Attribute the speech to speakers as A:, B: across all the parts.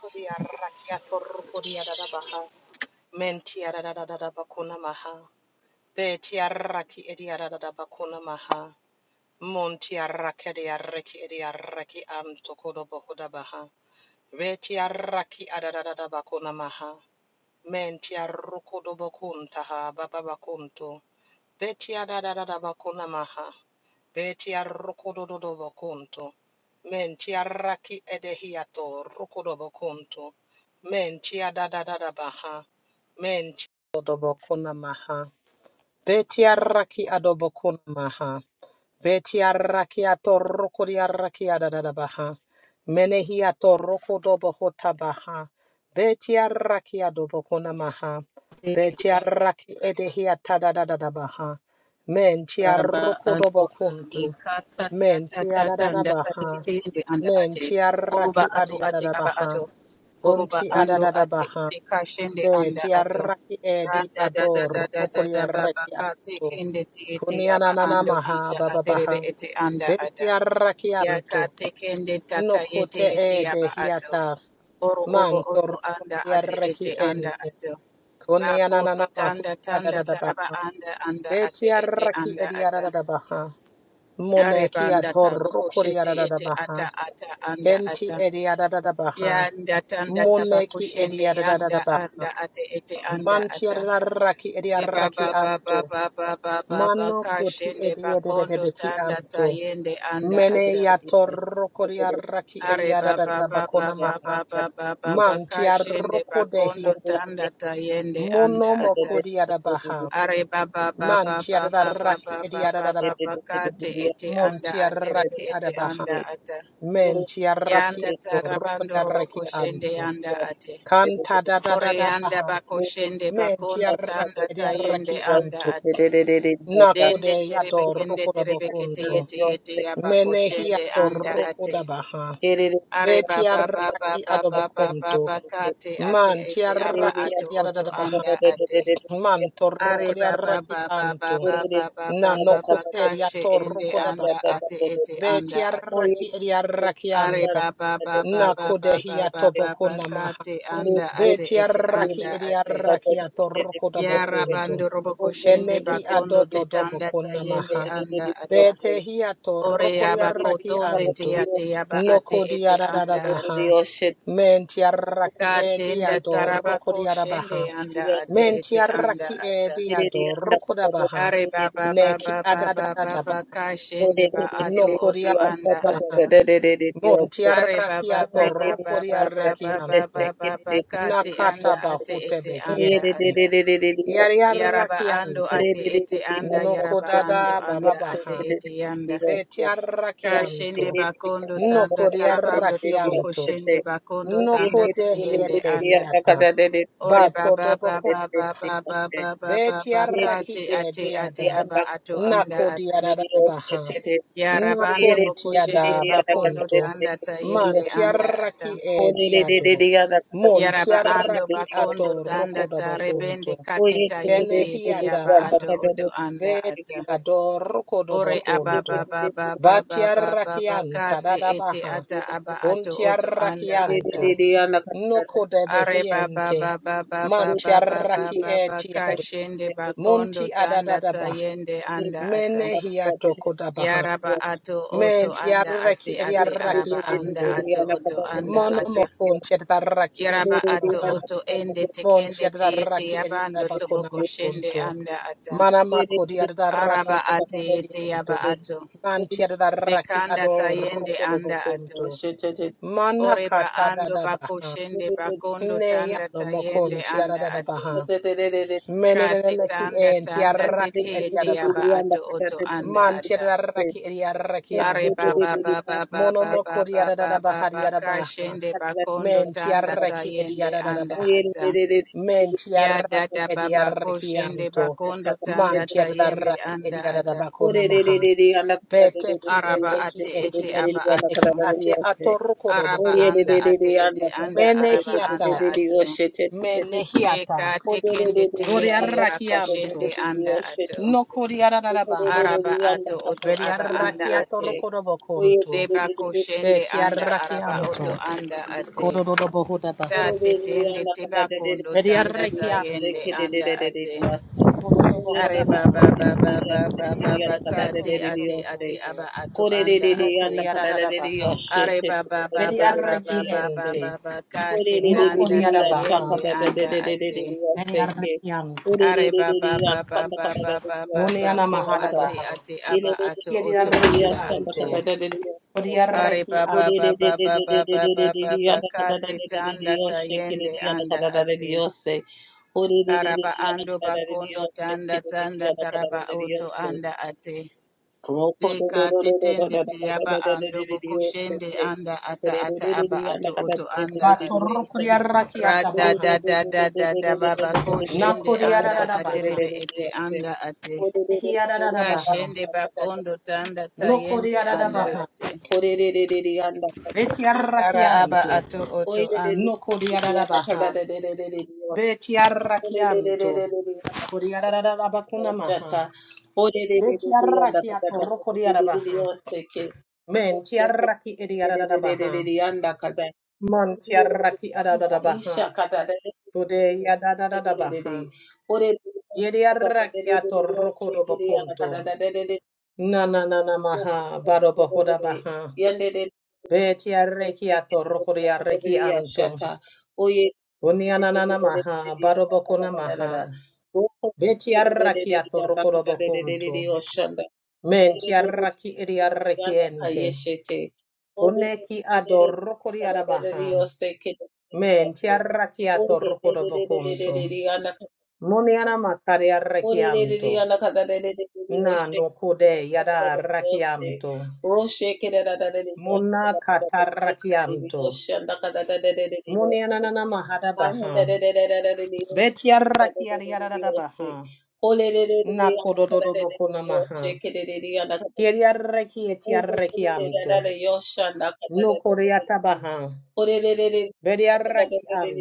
A: Kuria rakia toru kuria dadabaha. Mentia dadadadabakuna maha. Betia raki edia dadabakuna maha. Montia rakedia reki edia reki antokodo bohudabaha. Betia raki adadadabakuna maha. Mentia rukodo bokuntaha bababakunto. Betia da da da da bakuna maha. Betia rokododo bakunto. Mentia raki edehiato rokodo bakunto. Mentia da da da da baha. Mentia do bakuna maha. Betia raki adobakuna maha. Beti arrakia torroko di arrakia da da da baha. Menehia torroko do bohota baha. Beti arrakia do bokona maha. Beti arraki edehia ta da da da da baha. Menti
B: Baba
A: arroko do
B: Ando
A: bokuntu.
B: Ikaka
A: Menti
B: Tata Tata
A: adadada
B: Ndaka
A: baha.
B: Anda Ate
A: Menti arraki
B: Oruba Ato Ate
A: adiadada
B: Aba
A: baha.
B: Ato Oruba
A: Unti
B: Ando
A: adadada
B: Ate
A: baha.
B: Ikashende Anda
A: Beti
B: Ato
A: arraki edi
B: Randa da da da
A: ador.
B: da da
A: Rokuri
B: da Baba
A: arraki
B: Kate
A: ato.
B: Kende Tiete Aba
A: Kunianana
B: Ando
A: maha
B: Anda
A: bababaha.
B: Aterebe Ete Anda
A: Beti
B: Ada
A: arrakianto.
B: Yaka Tekende
A: No
B: Tata Yete
A: kute
B: Yete
A: e de
B: Aba Ato
A: hiata.
B: Oro Obo
A: Mantor
B: Oto Anda Ate
A: yarraki
B: Ete Anda
A: ente.
B: Ato
A: Koni ananana
B: Bakoto
A: mahu
B: tanda tanda taraba
A: adadadabaha.
B: anda anda
A: Beti
B: ate ete
A: arraki
B: anda
A: edi
B: ata.
A: adadadabaha. Moneki
B: Areba anda taboko
A: atorukuri
B: shete ete
A: adadadabaha.
B: ata ata anda
A: Enti
B: ata.
A: edi adadadabaha.
B: Yanda tanda tabako
A: Moneki edi
B: shende yanda
A: adadadabaha.
B: anda ate ete anda
A: Manti
B: ata.
A: arraki edi
B: Reba
A: arraki
B: ba ba ba
A: anto.
B: ba ba ba ba ba
A: Mano
B: ka
A: kuti
B: shende
A: edi
B: bakondo
A: edededebeki
B: tanda
A: anto.
B: tayende anda
C: Thank
A: Mene
B: ata.
A: ya torroko di arraki
B: Are
A: eriada
B: ba
A: da
B: ba
A: da
B: ba ba
A: bakona
B: ba
A: maha.
B: ba ba ba ba ba ka
A: Manti
B: shende
A: arroko de
B: bakondo
A: hiata.
B: tanda tayende anda
A: Mono
B: ata.
A: moko di
B: Are baba baba
A: Manti
B: baba
A: arraki
B: baba
A: eriada da
B: baba
A: da
B: baba
A: baha.
B: kate ete anda
A: Monti
B: aterebe
A: arraki
B: ete
A: adabaha.
B: anda ata.
A: Menti arraki
B: Yanda
A: adorroko di
B: tarabando
A: arraki.
B: roboko shende yanda ate.
A: Kanta da da da
B: Ore
A: da
B: yanda
A: baha.
B: bako shende
A: Menti
B: bakondo
A: arraki
B: tanda
A: edi
B: tayende
A: arraki
B: anda
A: anto.
B: ate. Dende terebe kende
A: Adorroko da
B: terebe kete
A: bokunto.
B: yete yete yabako
A: Mene hi
B: shende anda
A: adorroko da
B: ate.
A: baha.
B: Are
A: Ti
B: baba baba
A: arraki
B: baba baba
A: adobokunto.
B: baba kate ate
A: Manti
B: ete aba
A: arraki
B: ato oto anda ate.
C: you.
A: torroko
B: Are
A: di
B: ba ba
A: arraki
B: ba ba ba
A: anto,
B: ba ba ba ba ba
A: anoko
B: ba
C: Thank
B: kashe
A: torroko
B: ende anda ate ete
A: ti
B: anda ate.
A: arraki e di arraki anta,
B: Are ba ba ba ba ba
A: nako de
B: ba ba
A: hia
B: ba ba
A: toboko
B: ba
A: namaha,
B: kate anda
A: be
B: ate
A: ti
B: ete
A: arraki
B: anda
A: e di
B: ate.
A: arraki atoboko da
B: Yara
A: bokunto,
B: bando robo koshende
A: eneki
B: bakondo
A: adodo do
B: tetanda
A: boko
B: tayende
A: namaha,
B: anda
A: be
B: ata.
A: te hia
B: Ore
A: torroko
B: ya
A: di arraki
B: bakotonde te
A: anto,
B: ate ya ba ate
A: noko di
B: ete
A: ararara
B: anda ata.
A: baha, men ti arraki e di
B: Katenda taraba
A: adorroko di arabaha,
B: koshende anda ate
A: men ti
B: ete anda
A: arraki e
B: ata.
A: di adorroko
B: Are ba ba ba
C: you.
A: Neki
B: ba ba ba ba
A: adadadadaba.
B: ba ka
C: Thank
B: shende ba ato oto
A: Koria
B: anda ata. Are ba
A: tiarrakia
B: ba ba ba
A: torrokarreki.
B: ba ba ba ba ba ba ba ba ka te
A: Nakata
B: anda ate
A: bahu
B: ete
A: behien.
B: anda ata. Yaraba ando
A: Rakianto.
B: ate ete anda yaraba ando
A: Dada baba
B: anda
A: baha.
B: ate ete yanda. Ka
A: Betiarrakianto.
B: shende ba kondo
A: No
B: tanda tarabando
A: koriarraki.
B: toboko shende ba kondo
A: No
B: tanda
A: kodehi
B: tayende anda. Ore ba ba ba
A: todobokun.
B: ba ba ba ba ba ba ba ba ka
A: Betiarraki
B: te ate ate
A: ediada.
B: aba ato anda ata.
A: Kodiadadaba.
C: you. Thank
B: Yarabando bokoshende
A: Kuntiadaba.
B: bakondo tanda tayende anda
A: Mantiarraki
B: ata.
A: ediada.
B: Yaraba ando
A: Yarrakianto.
B: bakondo tanda tarebende kate tayete yete yaba ato oto anda ata. Ore
A: Adorrokodobokun.
B: ababa baba baba baba
A: Batiarrakianta
B: bakate ete
A: dadabaha.
B: ata aba ato oto anda
A: Untiarrakianto.
B: ata. Are baba
A: Odebehiente.
B: baba baba baba baba
A: Mantiarrakiet.
B: bakashende bakondo
A: Munti
B: tanda
A: adadadabaha.
B: tayende anda ata.
A: Menehiato baha.
B: Yaraba ato oto anda
A: Mentiarraki
B: ate ate
A: ediarraki.
B: araba anda ato oto anda ata.
A: Monomokun tarraki
B: Yaraba
A: ediaba.
B: ato oto ende tekende te yete
A: Montiadarraki
B: yabando
A: ediabakuna
B: toboko
A: makun.
B: shende anda ata.
A: Manamako
C: you.
A: diadarraki.
B: Araba ate yete yaba ato.
A: Mantiadarraki
B: Dekanda
A: ador
B: tayende anda ato.
A: rukodobokunto.
B: Oreba
A: Manakata
B: ando bako
A: dadabaha.
B: shende bakondo
A: Ne ya
B: tanda
A: no
B: tayende
A: mokon tiara
B: anda
A: da da
B: ato.
A: baha.
B: Kate
A: Menenemeki
B: tanda
A: en
B: tanda
A: tiaraki
B: tete
A: edi
B: yete yaba ato oto anda
A: man
B: ata.
A: tiaraki edi araki
B: Are
A: anto.
B: baba baba baba
A: Mono moko
B: baba
A: diara da da
B: baba
A: baha diara
B: baka
A: baha.
B: shende bakondo
A: Men
B: tanda
A: tiaraki edi
B: tayende
A: ara da da
B: anda
A: baha.
B: ata. Ya
A: Tiaraki
B: dada
A: edi
B: baba ko
A: araki
B: shende
A: anto.
B: bakondo
A: Man
B: tanda tayende
A: tiaraki edi
B: anda
A: ara da
B: ata.
A: bako na maha.
B: Araba ate ete aba ato. Araba
A: Mokonto.
B: anda ate ete anda
A: Enehi
B: araba anda ato.
C: Oye,
A: hiata.
B: Deka tekende te ete bako shende anda ato.
A: Noko diara da da baha.
B: Araba ato oto
A: Beri
B: aba anda
A: araki ato
B: ate.
A: mokonto.
B: Deba ko
A: Be
B: shende anda
A: tiaraki
B: araba
A: anto.
B: oto anda ate.
A: Kododo boho da baha.
B: Tate tende tiba kondo tanda
A: Mediarrekia
B: tayende anda ate. Are baba
A: Bohodabaha.
B: baba baba baba
A: Mediarrekia
B: kate ate ate
C: Dios,
B: aba ato anda ate. Are baba baba
A: Mediarrek
B: baba baba baba
C: Dios,
B: kate
A: Nok
B: tanda tayende anda ate. Are baba baba baba baba baba
A: Moniana
B: ko ate
A: Mahadabaha.
B: ate aba ato oto
A: Mediarreki
B: anda
A: and
B: ate. Are
A: Mediarreki
B: baba baba baba baba baba kate tanda tayende anda ate. Araba ando bakondo tanda tanda taraba auto anda ate. Deka tetende tiaba ando bokoshende anda ata ata aba ato oto anda ate. Rada
A: Batorokuriarakiatabaha.
B: da da da da da baba koshende anda
A: Nakuriaradabaha.
B: aterebe ete anda ate. Kashende bakondo tanda tayende anda
A: Nokuriarabaha.
B: ate. Ara aba
A: Tiarrakianto.
B: ato oto anda.
A: Nokuriarabaha. Betiarrakianto. Kuriaradabakunamaha. Kuriarabaha. Men tiarraki ediaradabaha.
C: ore
A: Man tiarraki adadabaha. Ode Yadadabaha. Yediarrakiato na na na na maha barobohoda bah.
C: Oye,
A: Betiarrakiato rokodiarraki an. Nianana maha barobokona maha. Betiarraki rokodobok.
C: Hallelujah.
A: Mentiarraki ediarrakiente. Uneki adorokodiarabaha. Mentiarrakiato rokod. Muniana makariarrakianto. Na no kode yada raki. Na katarrakianto. Nianana mahada baha. Betiarrakiaria. Maha Kiriaraki
C: Thank
A: etiaraki okoriata baha.
C: you.
A: Kiriaraki am.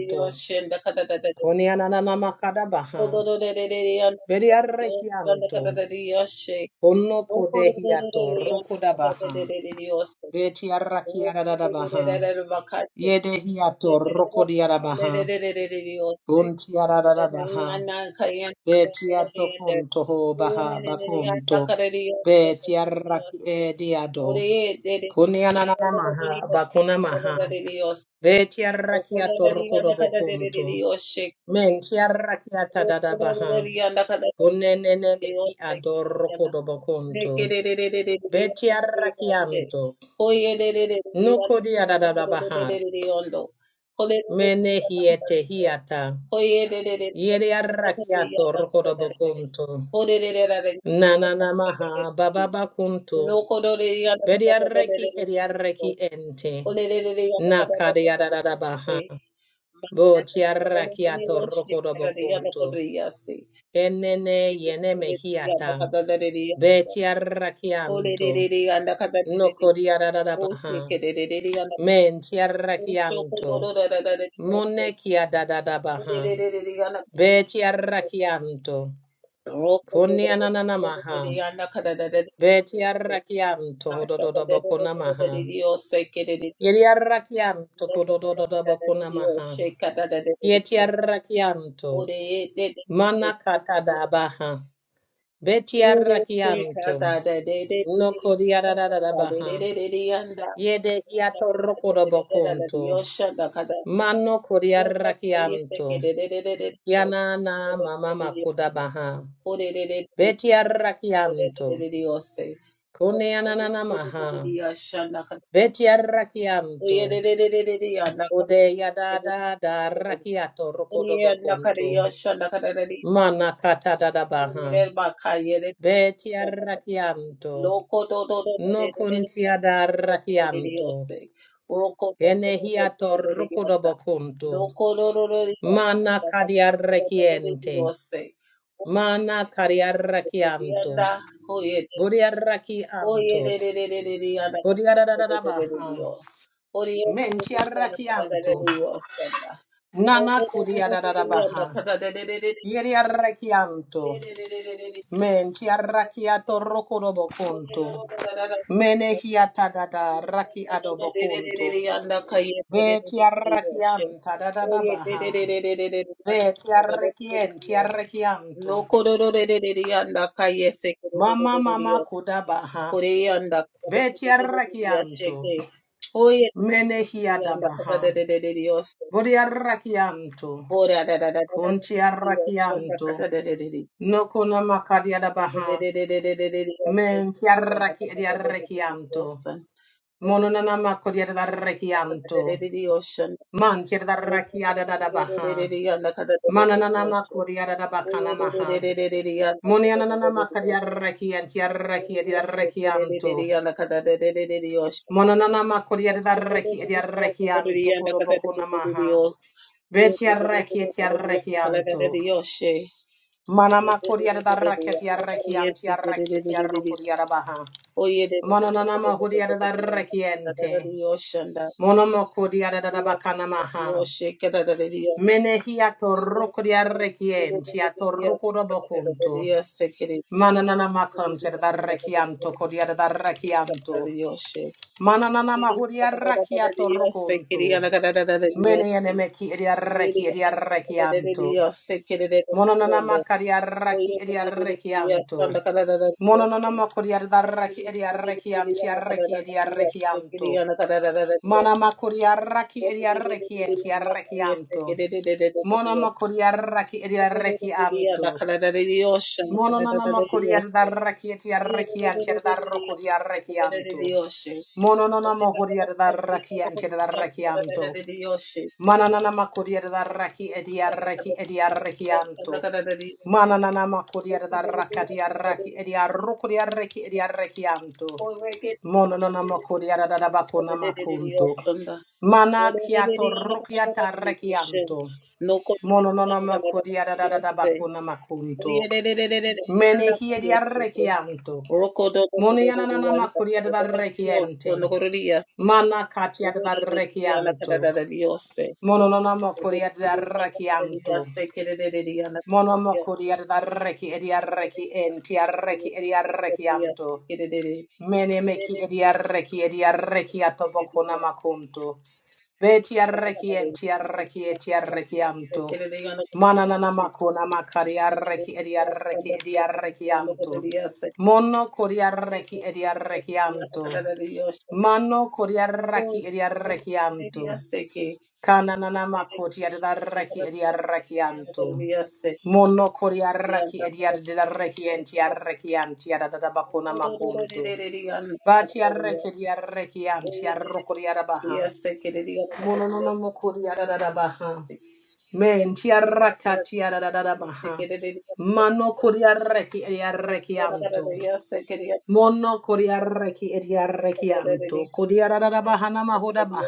A: Konianana makada baha. Araki amto. Ono kodehi baha. Etiaraki arada baha. Yedehiato rokodiara baha. Buntiarada baha. Betiato toho baha bakunto. Betiaraki ediado.
C: Ore de de
A: kunianana maha. Bakuna maha.
C: Dios,
A: Betiaraki ator. Mentiaraki atadada baha. Ene mehi adoro kodobokunto. Chiarra Chiarrakianto. Kodi adadabaha. Mene hiete hiata. Yeri arrakiato rokodobokuntu. Nana namaha bababa kuntu.
C: no
A: Eki ente.
C: Master
A: Kadi adadabaha. Bo chiarra chiarrakiato rokodobokuntu. Enene yene mehiata. Be chiarra chiarrakianto. Kodi adadabaha. Men chiarrakianto. Nekia da da da baha. Beti arrakianto. Kuni ananana maha. Beti arrakianto hodododobo. Yeri arrakianto kodododobo kunama. Yeti arrakianto.
C: Ore de de de de
A: Mana katada baha. Beti
C: Ore
A: arraki
C: de kata de de de de
A: no
C: de
A: kodi arararara
C: kata de de
A: baha.
C: de de de yanda de
A: Yede hiato
C: de de
A: rokodobo
C: de
A: kun.
C: de de yosha da kata
A: Mano kodi
C: yanda koye
A: arrakianto.
C: seke de de de de de
A: Yanana mama
C: de
A: makuda baha.
C: Ore de de de
A: Beti
C: de de de
A: arrakianto.
C: de yose de
A: Kuni ananana
C: de de de de
A: maha.
C: yosha da kata
A: Beti
C: Oye
A: arrakianto.
C: de de de de de de yanda kata
A: Ode yada da da rakiato rokodobo. Mana kata da da baha. Betia rakianto.
C: Loco do do do do do do
A: Kuntia da
C: do do
A: rakianto.
C: do se. Roko do do do do
A: Genehiato
C: do do do do sa.
A: rokodo.
C: Loco do do do do do
A: Mana kadia
C: do
A: rakien.
C: do do se.
A: Mana kadia rakianto.
C: Orianda oye
A: Buria
C: oye
A: rakianto.
C: de de de de de de anda de
A: Buria da da da
C: de de
A: da
C: de
A: baha.
C: de de yo. Oye de de de
A: Mentia
C: de anda kada
A: rakianto.
C: de de de yo anda. Oye
A: Nana
C: de de
A: kudia.
C: de de de anda kada de de de
A: Geria rakianto.
C: de de.
A: Mentia rakiato rokodobo kunto. Menehiata da da Tiarrachianta da da da baha. Ve tiarrachi
C: No,
A: tiarrachianto.
C: kororo re re re re anda kaiye se kororo re
A: Mamma
C: re re
A: mamma
C: re re
A: ha.
C: kore anda kororo re re re re re
A: Tiarrachianto
C: ache ke hoye re re re re
A: hia
C: re
A: da
C: anda
A: baha.
C: kata re re re re re osse
A: Oriarrachianto.
C: kore ada da da da da da re re re osse anda kata
A: Tiarrachianto.
C: re re re re
A: No conamaca di adabaha.
C: re re re re re re re re osse
A: En
C: anda
A: tiarrachi
C: kata re re re re re
A: diarrachianto.
C: osse
A: Mononanamaco di adarrachianto.
C: Oye,
A: Man tiarrachiada da da baha. Mananamaco di adabacana maha. Moniananamaca. Tiarrachianta Tiarrachianto. Mononana makoria da reki edia rekian. Vetia rekian. Mana makoria da ha. Mana mahuria da rekiente. Mono makoria da bakana maha. Menehia to
C: Yes,
A: rokoria rekiente. A to rokoro bokunto. Mananana makanter da rekianto. Koria da rekianto. Mananana mahuria reki edia reki edia rekian. Mononana raki edia rekianto. Mononana makoria da reki edia rekian. Chia rekian.
D: I'm
A: Yarraki Yarraki Yarrakian Yarraki Yarrakian Yarrakian Yarrakian Ohuria da Rakian Yarrakianto Manana Kuria da Raki Yarraki Yarrakianto Manana Makuria da Raki Yarraki Yarrukuria Raki Yarrakianto Mononona Makuria da Bakunama
D: gonna make you mine.
A: Mana Kiat Rakian Raki
C: Yes.
A: Mana Kiat
C: Yes,
A: Rakian
D: Tat tat tat
A: Mononona
D: tat
A: Makuria da Raki Monoma Arreki ediarreki enti arreki ediarreki anto. Mene diarreki ediarreki atobokona makum. Beti arreki enti arreki eti arreki anto. Mananana makona makari arreki ediarreki ediarreki anto. Mono koriarreki ediarreki anto. Mano koriarreki
D: tat tat.
A: ediarreki anto. Kananana
C: Yes,
A: makoti adarreki. Mono koriarreki ediarreki enti arreki anti adadabakona makum. But Kianti arrokoriarabaha. Mononomokoriarabaha. Menti arrakatiarabaha. Mano koriarreki eriarrekian. Mono koriarreki eriarrekian. Kodiarabaha namahodaba.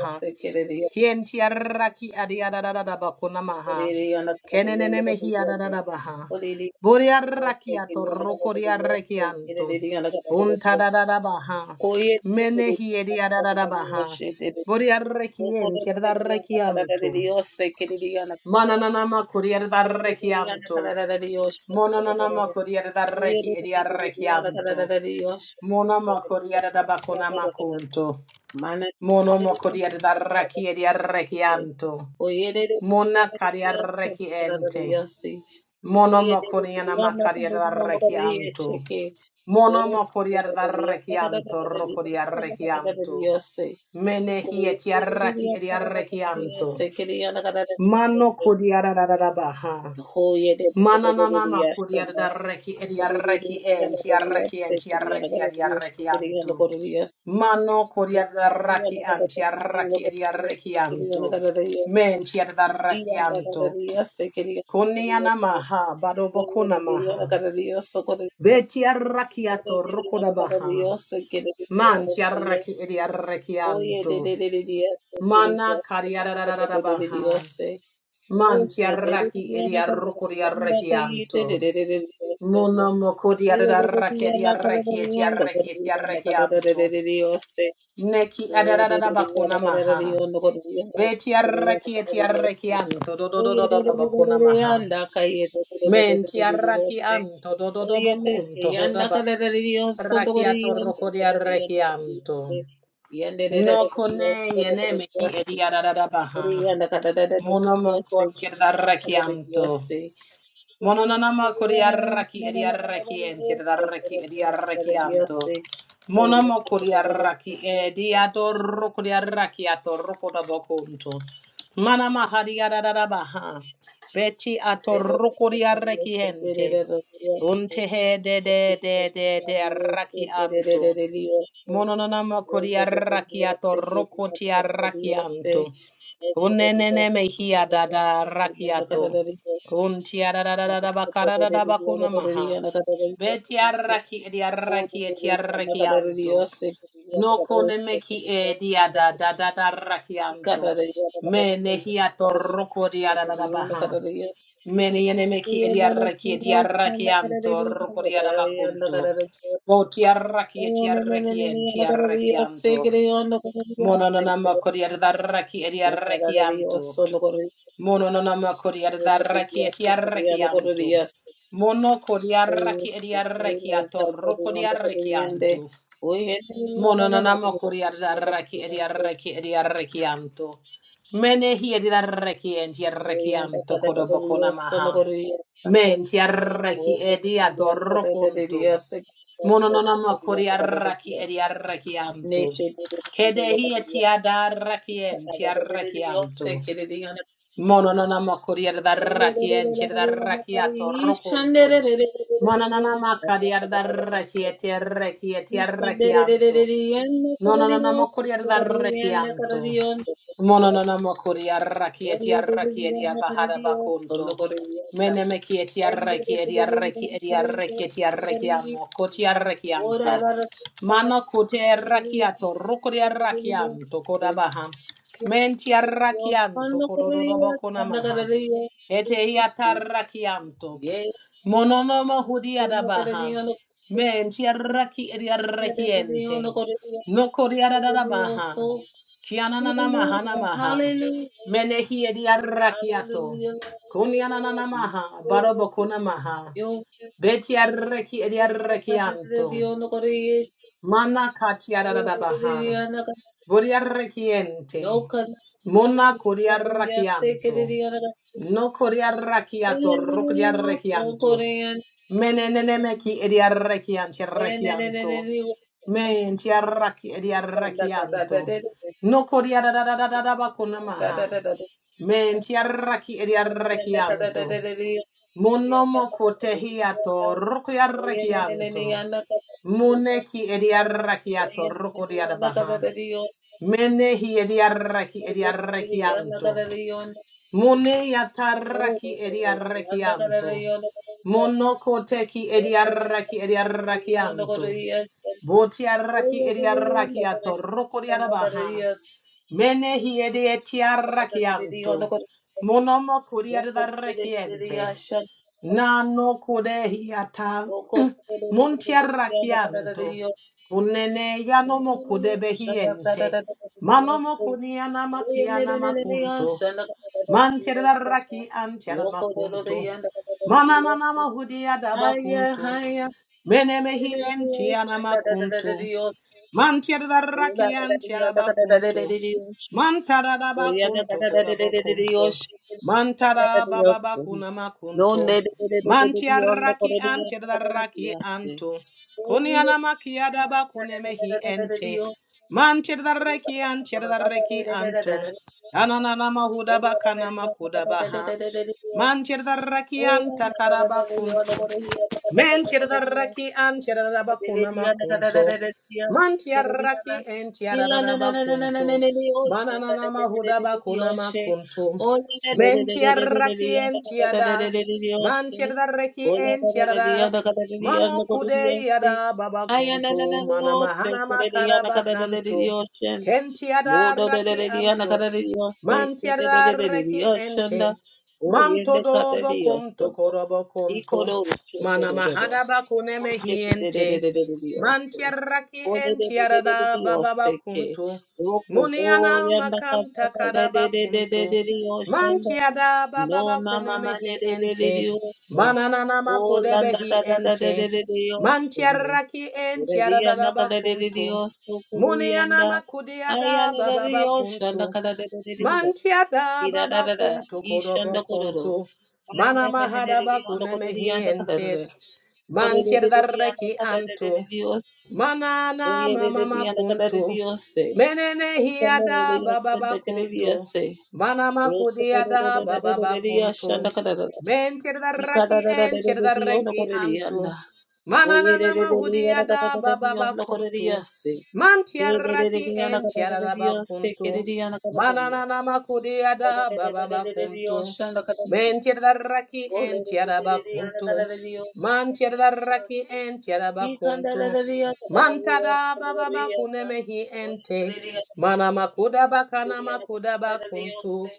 A: Radabakunamaha. Boriarrakiato.
C: Oye,
A: Untarabaha. Boriarrekien. Kiarrekian. Nananama koriarrekian. Mononama koriarrekian. Monama Yara Bakonama
C: mana
A: Mono moko di adaraki di arrekianto. Mona
C: Oye,
A: arrekiente. Mono moko mono moko di adaraki di arrekianto. Mene hi et arrekianto. Mano kodi adarabaha. Edi arreki. Mano kodi adaraki anti arraki edi arrekianto. Men ti adarakianto. Koniana maha badobokuna ma. Beti arrakiato rokodabaha. Man arrekianto. Mana
C: Yandere
A: Mantiarraki
D: Thank you.
A: monomokodiarrakian. Adadadabakiarrakiarraki. Tododododododobododobokian. Nokuarraki.
C: Dios,
A: Mononanamakodiarraki ediarrakianto.
D: Yeah.
A: Monomokodiarraki. Atorrokodiarraki atorrokodobokunto. Ha. Atorrokodiarraki. Okodiarraki atorrokiarraki. Une dadarrakiato. Kuntiadadabakaradabakodiarraki.
C: Oye,
A: Toroko di adadabaha. Ediarreki, diarreki, votiarraki, etiarreki, mononarraki, diarreki, monononomako di adadarraki,
D: Yes.
A: monoko di adadarraki, diarreki, ediarreki, to. Diarreki, ventiarreki, ediadoroko, mononon diarraki, to. Monononomako diarraki, toroko, diarreki,
C: Sono
A: etiarreki, etiarreki, am, diarreki,
D: I can't
A: monononomako diarreki, etiarreki, menemeki, diarreki, am,
C: corriendo,
A: to.
C: Hallelujah.
A: Kodabaha. Tiaraki kododo
C: Hallelujah,
A: ataranto. Mononoma hudiadabaha. Rakiadabaha.
D: help it.
A: Rakiato. Kunyananamaha. Barobokunaha. Reki ediarakian. Mana katiadabaha. Buriarekinte.
C: Yo,
A: Mona kuriarakian.
C: no,
A: Kuriarakiato.
C: Oye,
A: Ruk. Menenemeki ediarakian. Tiarakian. Tiaraki ediarakian. No kuriadadadadaba kunamaha. Yarraki ediarrakian. Munomokoteato rukuyarrakian.
D: I'm taking
A: Mune
D: it to
A: ediarrakiato
D: the
A: ruku. Enehi ediarraki ediarraki. Mune yatarraki ediarraki. Monoko yarraki
D: bank.
A: yarrakian. Botiarraki ediarrakuriarabaha.
C: Oya na kada da
A: Edietiarrakian. Munomokuriarrakian no kudehiata. Muntiarrakian. Unene yanomok. Manomokuniana makiana Man raki antera maku. Mana nana yada baku. Mene mehi kuntu. Raki antara.
C: da da da da
A: Mantara
C: da
A: baba
C: yo No Donde
A: buntum.
C: de de de de de Dios, no corre Dios, no corre de Dios,
A: Antu.
C: sí.
A: Kuni
C: Una sana,
A: akune
C: da, da,
A: mehi.
C: da, da, da, da, de Dios, corre, da, da, da,
A: Raki
C: da, da, da, da, da, da, da, da, corre,
A: mama hudaba.
C: da, da, Dios, no corre de de de de de
A: Raki
C: Ole na de Dios. Hola, da, da, da, da, de Dios, no corre Dios, da, da, da, de yo no corner the da, da, da, da de Dios.
A: antera
C: Corre
A: baku
C: de Dios,
A: namaku.
C: da, da, da, da, da, de Dios, sí,
A: Mantia
C: que de Dios,
A: raki
C: na. Y
A: tiara
C: la, na, na,
A: baku.
C: na, na, na, na, na, de Dios, da, da, da, da, da,
A: Mahuda
C: da, de Dios, sí. Hola, da, da, da, da, da, da, de Dios, da, da, da, da, da, da, de Dios, sí.
A: raki
C: Ola da da da dia da da da dia da da da dia si.
A: baba
C: Aya na
A: kuntu.
C: na na na no te ke da dia da da da da dia shen. Mo
A: Yada
C: da da da da dia da da da dia si ke da da da
A: raki.
C: da dia shen da. O
A: Man
C: ye da ka da dia so do.
A: korobo
C: I ko
A: kuntu.
C: do da da da da.
A: Akune
C: O
A: me.
C: she da da da da da da dia si. O da da da da da da dia si ke. O ko
A: Muni
C: do ya da ka da da da da da da dia shen da.
A: yada baba
C: No
A: baku.
C: mama ma ma ma, da da da da
A: Mana nana
C: Oh,
A: maku debe.
C: landa da da da da da da Dios, ande.
A: Tiara
C: Rería na cada de de Dios, tu
A: Muni
C: curianda. Ay,
A: ada
C: ala da Dios, anda cada de de de Dios.
A: Hata
C: Y da da da
A: babaku
C: da, y shanda cororo. Ay,
A: mana
C: na de de de
A: mahada
C: de Dios,
A: baku
C: anda
A: nemehi
C: corría, anda cada de de. Cororo de de
A: manchirdarito
C: de, anda cada de de de Dios.
A: mana
C: Oye, de de
A: mama
C: de, anda cada de Dios, se.
A: mene
C: Y cuando de Dios, anda cada de Dios, se.
A: mama
C: Roto cororo de
A: kudiada
C: de de de de Dios, anda cada de de. Y cada da da de de de Dios, anda corría, anda.
D: Thank
A: mana nana
C: Oyererereriana karararariyana koreriyase.
A: manti
C: Erererereriana karararariyase, kereriyana
A: mana
C: kararariyo.
A: kudiada baba
C: Orerererereriyoshana kararariyo.
A: chirdarrakinchira
C: Olerererereriyana kararariyo.
A: chirdarrakinchira bakuntu
C: Ikandararariya kararariyo, kararariyana. Olererereriyana
A: mana makuda
C: karararariyase,
A: bakuntu
C: kereriyana karararariyose.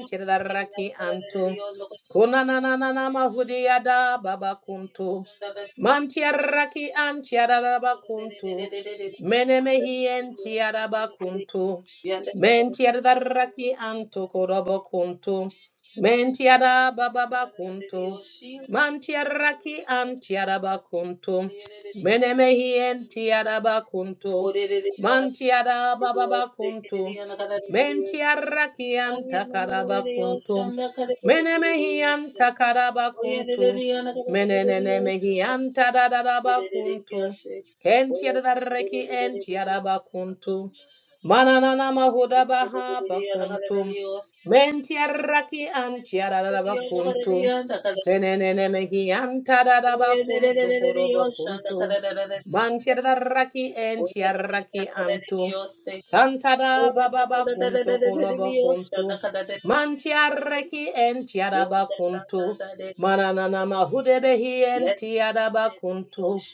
A: chirdarrakinchira
C: karararariyose,
A: antu
C: korererereriyoshana
A: kuna nana nana baba kuntu manchirdarra bakuntu
C: kararariyo.
D: you.
A: kuntu Merda Tokorobokuntu. Yada baba bakunto, bakunto, menemehi bakunto, to, chiarakian
C: Ocean,
A: takakunto, tadadada bakunto, kentiada chiada bakunto, mananana mahuda baha, errakiada bakunto, kenenemehi antadada bakunto, chiaraki and chiaraki anto, kantada Baba Yaraba kunto Mananana Hudebehi and Tintu,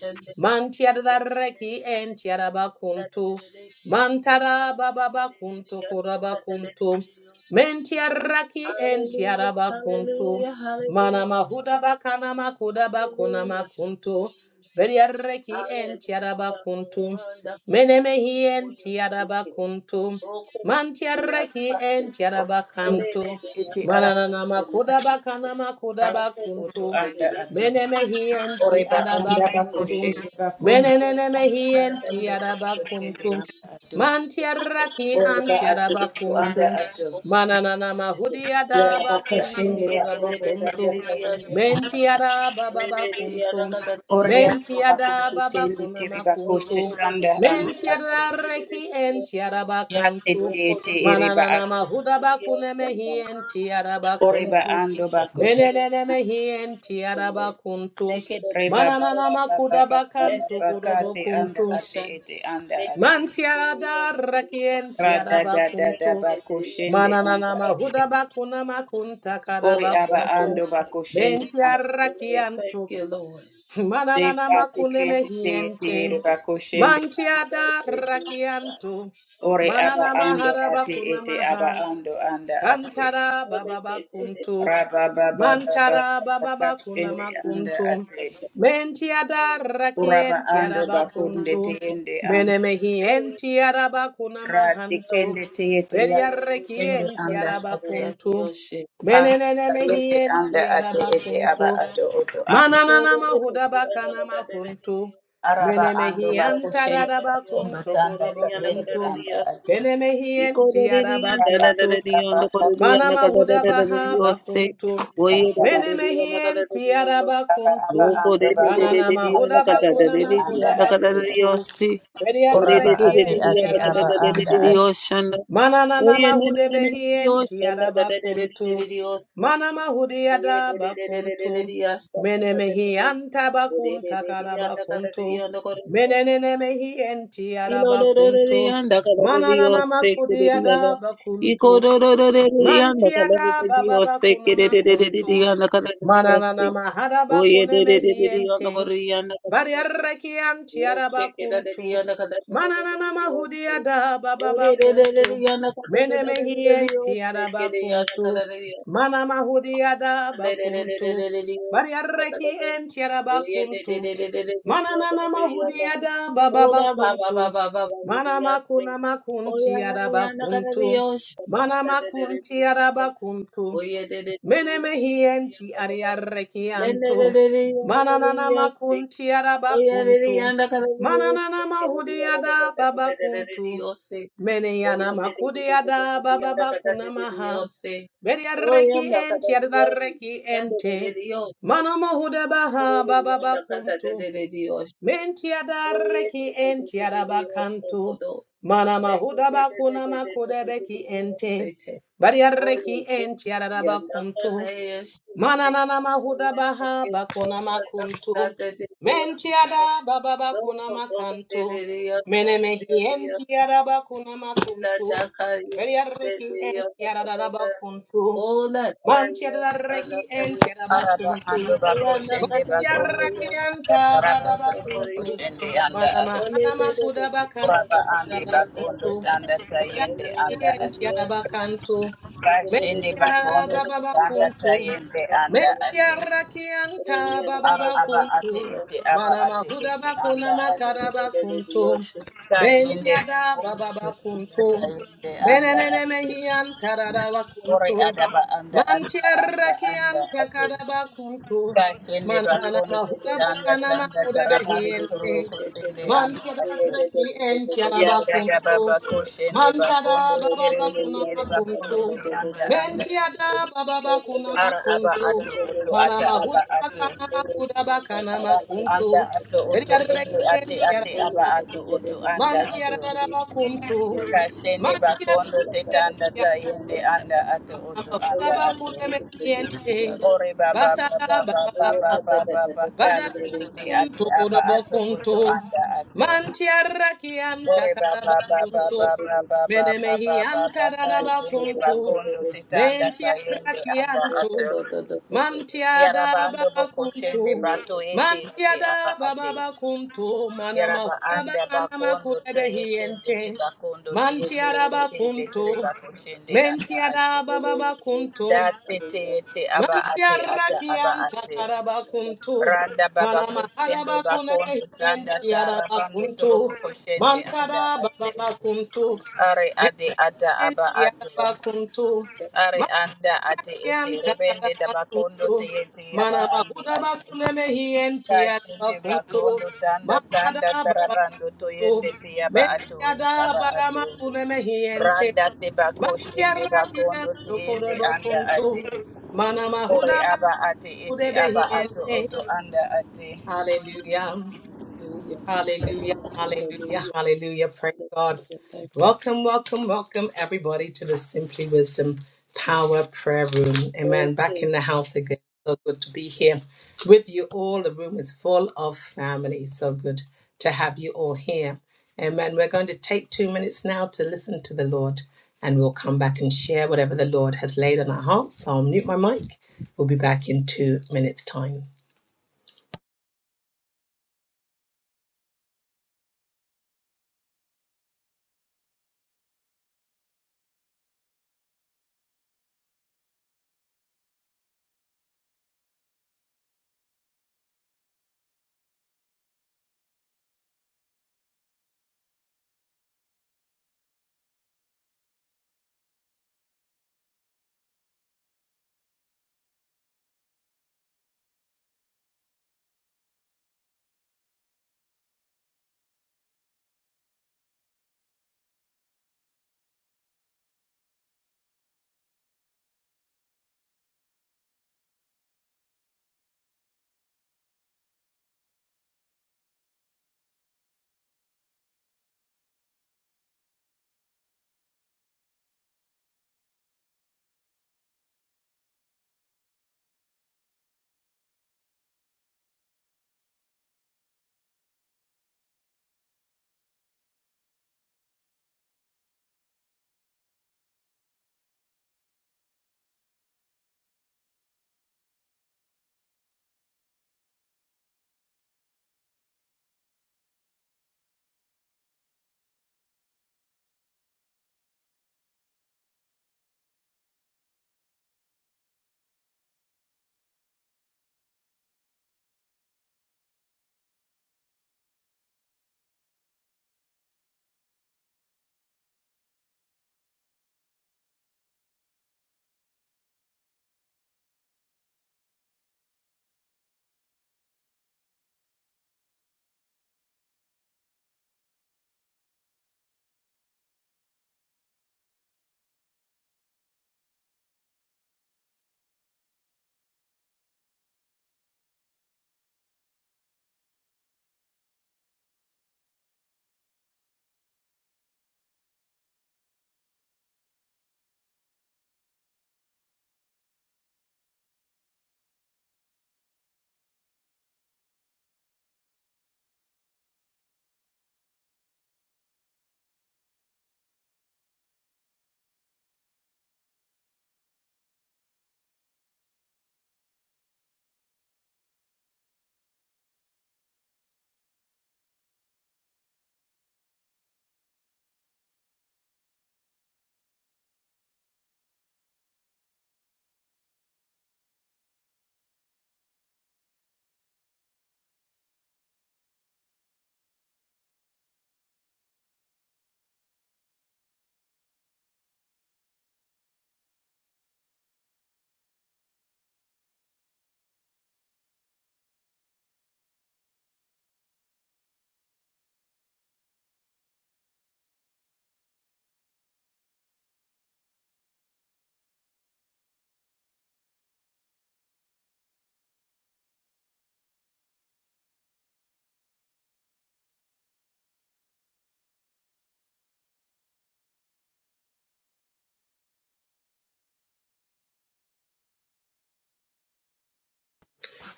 A: Tiadarek
C: Hallelujah,
A: and Yarabakuntu, Bababakuntu, Korabakuntu,
C: hallelujah,
A: Mentiaraki and Tintu,
C: hallelujah,
A: Manama hudaba kanama kudaba kunama
C: hallelujah, hallelujah,
A: Kudabakunama,
C: hallelujah, for
A: kunto
C: wonderful
A: Menemehi
C: you speaking.
A: and Tiakuntu,
C: Roko de Yasuke, Ore de
A: Tiarabakantu,
B: Ete
A: kanama
B: ara
C: Yasuke,
A: kudaba
C: Roko de
B: Utu
A: kunto
C: de Roko de de
B: anda atu.
A: Menemehi
B: Oreba
C: Roko
B: anda
A: kunto
B: bakoshende bakondo.
A: Menenenemehienti
B: Bakondo bakoshende
A: yadakuntum
B: anda atu.
C: de de
B: Oreba atu utu anda
A: yadabakuntum.
B: atu.
A: Mahudi
B: Ya bakoshende
C: Thank you,
B: bakondo tanda
A: yadabakutukudabakuntum.
B: tayende.
A: Tiadabababakuntum
B: Orea bakoshende tiri
A: tiadababakunamakuntum.
B: bakosesanda anda atu.
A: Arreki enti yadabakuntum.
B: Ya tete ete ereba atu.
A: Mahudabakunemehi
B: Oreba
A: yadabakuntum.
B: ando bakoshende
A: Menenenemehienti yadabakuntum.
B: Reba ba ba ba ba ba ba ba ba
A: Hudabakantukukuntum.
B: kate anda ate ete anda ate.
A: Darreki enti
B: Rada da da da
A: yadabakuntum.
B: bakushende
A: Mananana
B: anda ate.
A: mahudabakuna makunta
B: Ori aba ando
C: Lord.
A: karabakuntum.
B: bakushende anda ate.
C: Thank you, Lord.
A: Manana
C: Thank you,
B: dekati
A: makune
B: kende te
A: mehien.
B: tere
C: Lord.
B: bakushende anda
A: Mantiada
B: ate.
A: rakianto.
B: Ori aba
A: Manana
B: ando
A: maharaba
B: ate ete aba
A: kunaha.
B: ando anda ate.
A: Kantara bababa kunto.
B: Raba ba ba ba ba ba
A: Mantara
B: ba
A: bababa
B: kashende
A: kunama
B: anda
A: kunto.
B: ate.
A: Mentiada
B: Uraba ando
A: rakientiara
B: bakunde te
A: bakunto.
B: ende anda.
A: Menemehientiara bakunama
B: rati kende
A: hanto.
B: te ete ya
A: Beria
B: bakushende anda
A: rekientiara
B: ate.
A: bakunto.
B: anda
A: Menene
B: kayende
A: mehien
B: anda
A: tiara
B: ate ete aba
A: bakunto.
B: ato oto anda
A: Manana mahunto.
B: araba ando
A: Menemehien
B: bakushende
A: tadadabakum
B: bakumba tanda
A: tokorobokum.
B: tayende anda
C: Thank you.
B: ate
C: Oye,
A: Kenemehien tiara
B: aba aba aba aba
A: mana
B: anda ate aba
A: tiarabakum
B: aba
A: tum.
B: ando bakumba tanda tayende anda ate uraba
A: Ediareki
B: ate ate aba anda ate
A: mananana mahudehien tiara mana mahudiadabakum. Menemehien tabakum takakum. Menenemehien tiarabakum
C: Ilolorororianda
A: diadatu.
C: kalabediyosekeredianda. Ikororororianda kalabediyosekeredianda kalabediyosi.
A: Mananana mahabakuneme.
C: Oyedededededianda koriyanda kalabedi-
A: Ediarekian tiarabakum.
C: Ochekedadediyanda
A: Nana
C: kalabediyose.
A: mahudiadabababakum.
C: Odedededediyanda
A: Menemehien
C: kalabediyosekeredianda kalabediyosi.
A: mana mahudiadabakum.
C: Dededededediyanda
A: Reki
C: kalabedi-
A: en tiaraba kuntu.
C: Oyededededediyanda
A: Manana nama
C: kalabediyanda.
A: hudiada baba
C: Oda
A: bakuntu.
C: ba ba ba ba ba ba
A: Nama
C: yaste.
A: kuna makuna
C: Oya
A: makunti
C: na
A: araba.
C: ya na kara dios.
A: Mana
C: Ta de de de
A: makunti
C: yaste.
A: araba kuntu.
C: Oye de de de de
A: Mene mehi en
C: yaste.
A: tiari arreki
C: Le ne de
A: antu.
C: de de ya na kara yaste.
A: Tiaraba
C: Oya de
A: kuntu.
C: de ya na kara dios. Kere de ya na kara
A: Hudiada baba
C: de
A: kuntu.
C: de de de dios.
A: Mene yana
C: Oye de de de de
A: makudiada
C: de de ya
A: baba
C: na
A: bakuntu.
C: kara de de dios.
A: Eri
C: Oya na kara dios. Ya de de de
A: ente.
C: dios.
A: Mano mohuda
C: Oye
A: baha
C: de ya
A: bababa.
C: na kara de de de dios.
A: bakunti
C: Oye
A: reki
C: de de de de
A: Tiaraba kantu.
C: dios.
A: Mana
C: Ola
A: mahuda bakuna makude beki ente. Bariareki enti araba kuntu. Mana nana mahuda baha bakuna mak Menti ada baba bakuna mak. menemehi enti araba kuna makuntu. Bariareki enti araba kuntu. Manti adareki enti
B: araba ando
A: kuntu.
B: bakushende
A: Yareki
B: bakondo
A: anta
B: araba
A: baba bakuna.
B: bakushende anda
A: Mana
B: ate
A: mahana mak.
B: uraba ande bakondo tanda tayende
A: Bariareki
B: anda ate
A: araba kantu.
B: Bashende
A: Menti
B: bakondo
A: araba baba
B: kusanda
A: kuntu.
B: tayende anda ate.
A: Mentiarakianta
B: Ara
A: bababa
B: aba
A: kuntu.
B: ate ete aba
A: Mana
B: ate
A: mahuda
B: ete
A: bakuna
B: anda ate.
A: makara baku.
B: Kashende
A: Bentiada
B: bakondo
A: bababa
B: kusanda
A: kuntu.
B: tayende anda
A: Benenene
B: ate.
A: mehianta raraba
B: Ore
A: kuntu.
B: adaba anda adaba anda anda
A: Mantiarakianta
B: ate.
A: karaba kuntu.
B: Kashende
A: Manana
B: bakondo
A: mahuda
B: kusanda
A: bakana
B: tanda
A: makuda
B: tarabando
A: behien.
B: kurubu kusende anda ate.
A: Mantiarakianta
B: Ya dada
A: kuntu.
B: baba kushende
A: Mantada
B: bakondo
A: bababa
B: kerende kere
A: kuntu.
B: bakondo kusanda anda
A: Mantiada
B: ate.
A: bababa kuna
B: Ara aba
A: makuntu.
B: ato oto
A: Mana
B: ata aba ato.
A: Kudabakana
B: Ara aba
A: makuntu.
B: anda ato
A: Very
B: oto ende
A: arrekin
B: ate
A: tiara.
B: ate aba ato oto anda
A: mantiara Kudabakamakuntu.
B: ato.
A: Veriarrekientiaraba. Mantiararabakuntu.
C: Oh, yeah.
B: Kashende bakondo
A: Mantiarrekientiaraba.
B: tetanda tayende anda ato oto anda ato.
A: Kudabakunemekiente.
B: Ore baba baba baba
A: Batadabababantu
B: baba baba kate ete ate aba ato
A: kudabakuntu.
B: oto anda ato.
A: Mantiara kianta
B: Ore baba baba
A: kadabakuntu.
B: baba baba baba
A: Menemehianta
B: baba kashende
A: dadabakuntu.
B: bakondo tetanda tayende anda
A: Mentiarrakiantu.
B: ato.
A: Tiada
B: Yaraba ando
A: baba
B: boko Bokoshende
A: kunto.
B: Bato
A: Man
B: Ete Ete Aba
A: tiada
B: Ate
A: baba bakunto. Manama
B: Yaraba
A: hulaba
B: Anda
A: kanama
B: Bakondo
A: kulebe
B: Teyekende
A: hiente.
B: Tibakondo
A: Man
B: Teyende
A: tiada
B: bako
A: bakunto.
B: Tirebakoshende
A: Men
B: Anda Ate
A: tiada baba bakunto.
B: Da Tete Ete Aba
A: Man
B: Ate
A: tiara
B: Ata Aba
A: kianta
B: Ate
A: karaba kunto.
B: Randa Baba
A: Manama
B: Koshende
A: haraba kunebe
B: Bakondo Tanda
A: hiente tiada
B: Tarabando boko
A: bakunto. Man
B: Koshende Anda
A: tiada baba
B: Ate
A: bakunto.
B: Are Ade Ata
A: Men
B: Aba
A: tiada
B: Ato
A: bakunto.
B: Are Anda Ate Ete Rebende Dabakondo
A: Yantakarabakuntu.
B: Teyete Aba
A: Mana
B: Ando
A: mahuda
C: Thank you.
B: Ate
A: bakune mehienti
B: Kashinde
A: yadabakuntu.
B: gakondo tanda
A: Mana
B: tanda
A: babakuntu.
B: tarabando toyende tiyaba ato
A: Meyada
B: aba ato
A: baramakune mehiente.
B: randa te bako shende gakondo
A: Machiarakianto
B: tiyende anda
A: korabakuntu.
B: ate
A: Mana mahuda
B: ore aba ate
A: bakude
B: ete aba ato
A: behiente.
B: oto anda ate
A: Hallelujah.
C: Hallelujah.
A: Hallelujah.
C: Hallelujah.
A: Hallelujah.
C: Hallelujah.
A: Hallelujah. Praise God.
C: Hallelujah. Thank
A: Welcome, welcome, welcome everybody to the Simply Wisdom Power Prayer Room. Amen. Back in
C: you.
A: the house again. So good to be here with you all. The room is full of family. So good to have you all here. Amen. We're going to take two minutes now to listen to the Lord and we'll come back and share whatever the Lord has laid on our hearts. So I'll mute my mic. We'll be back in two minutes' time.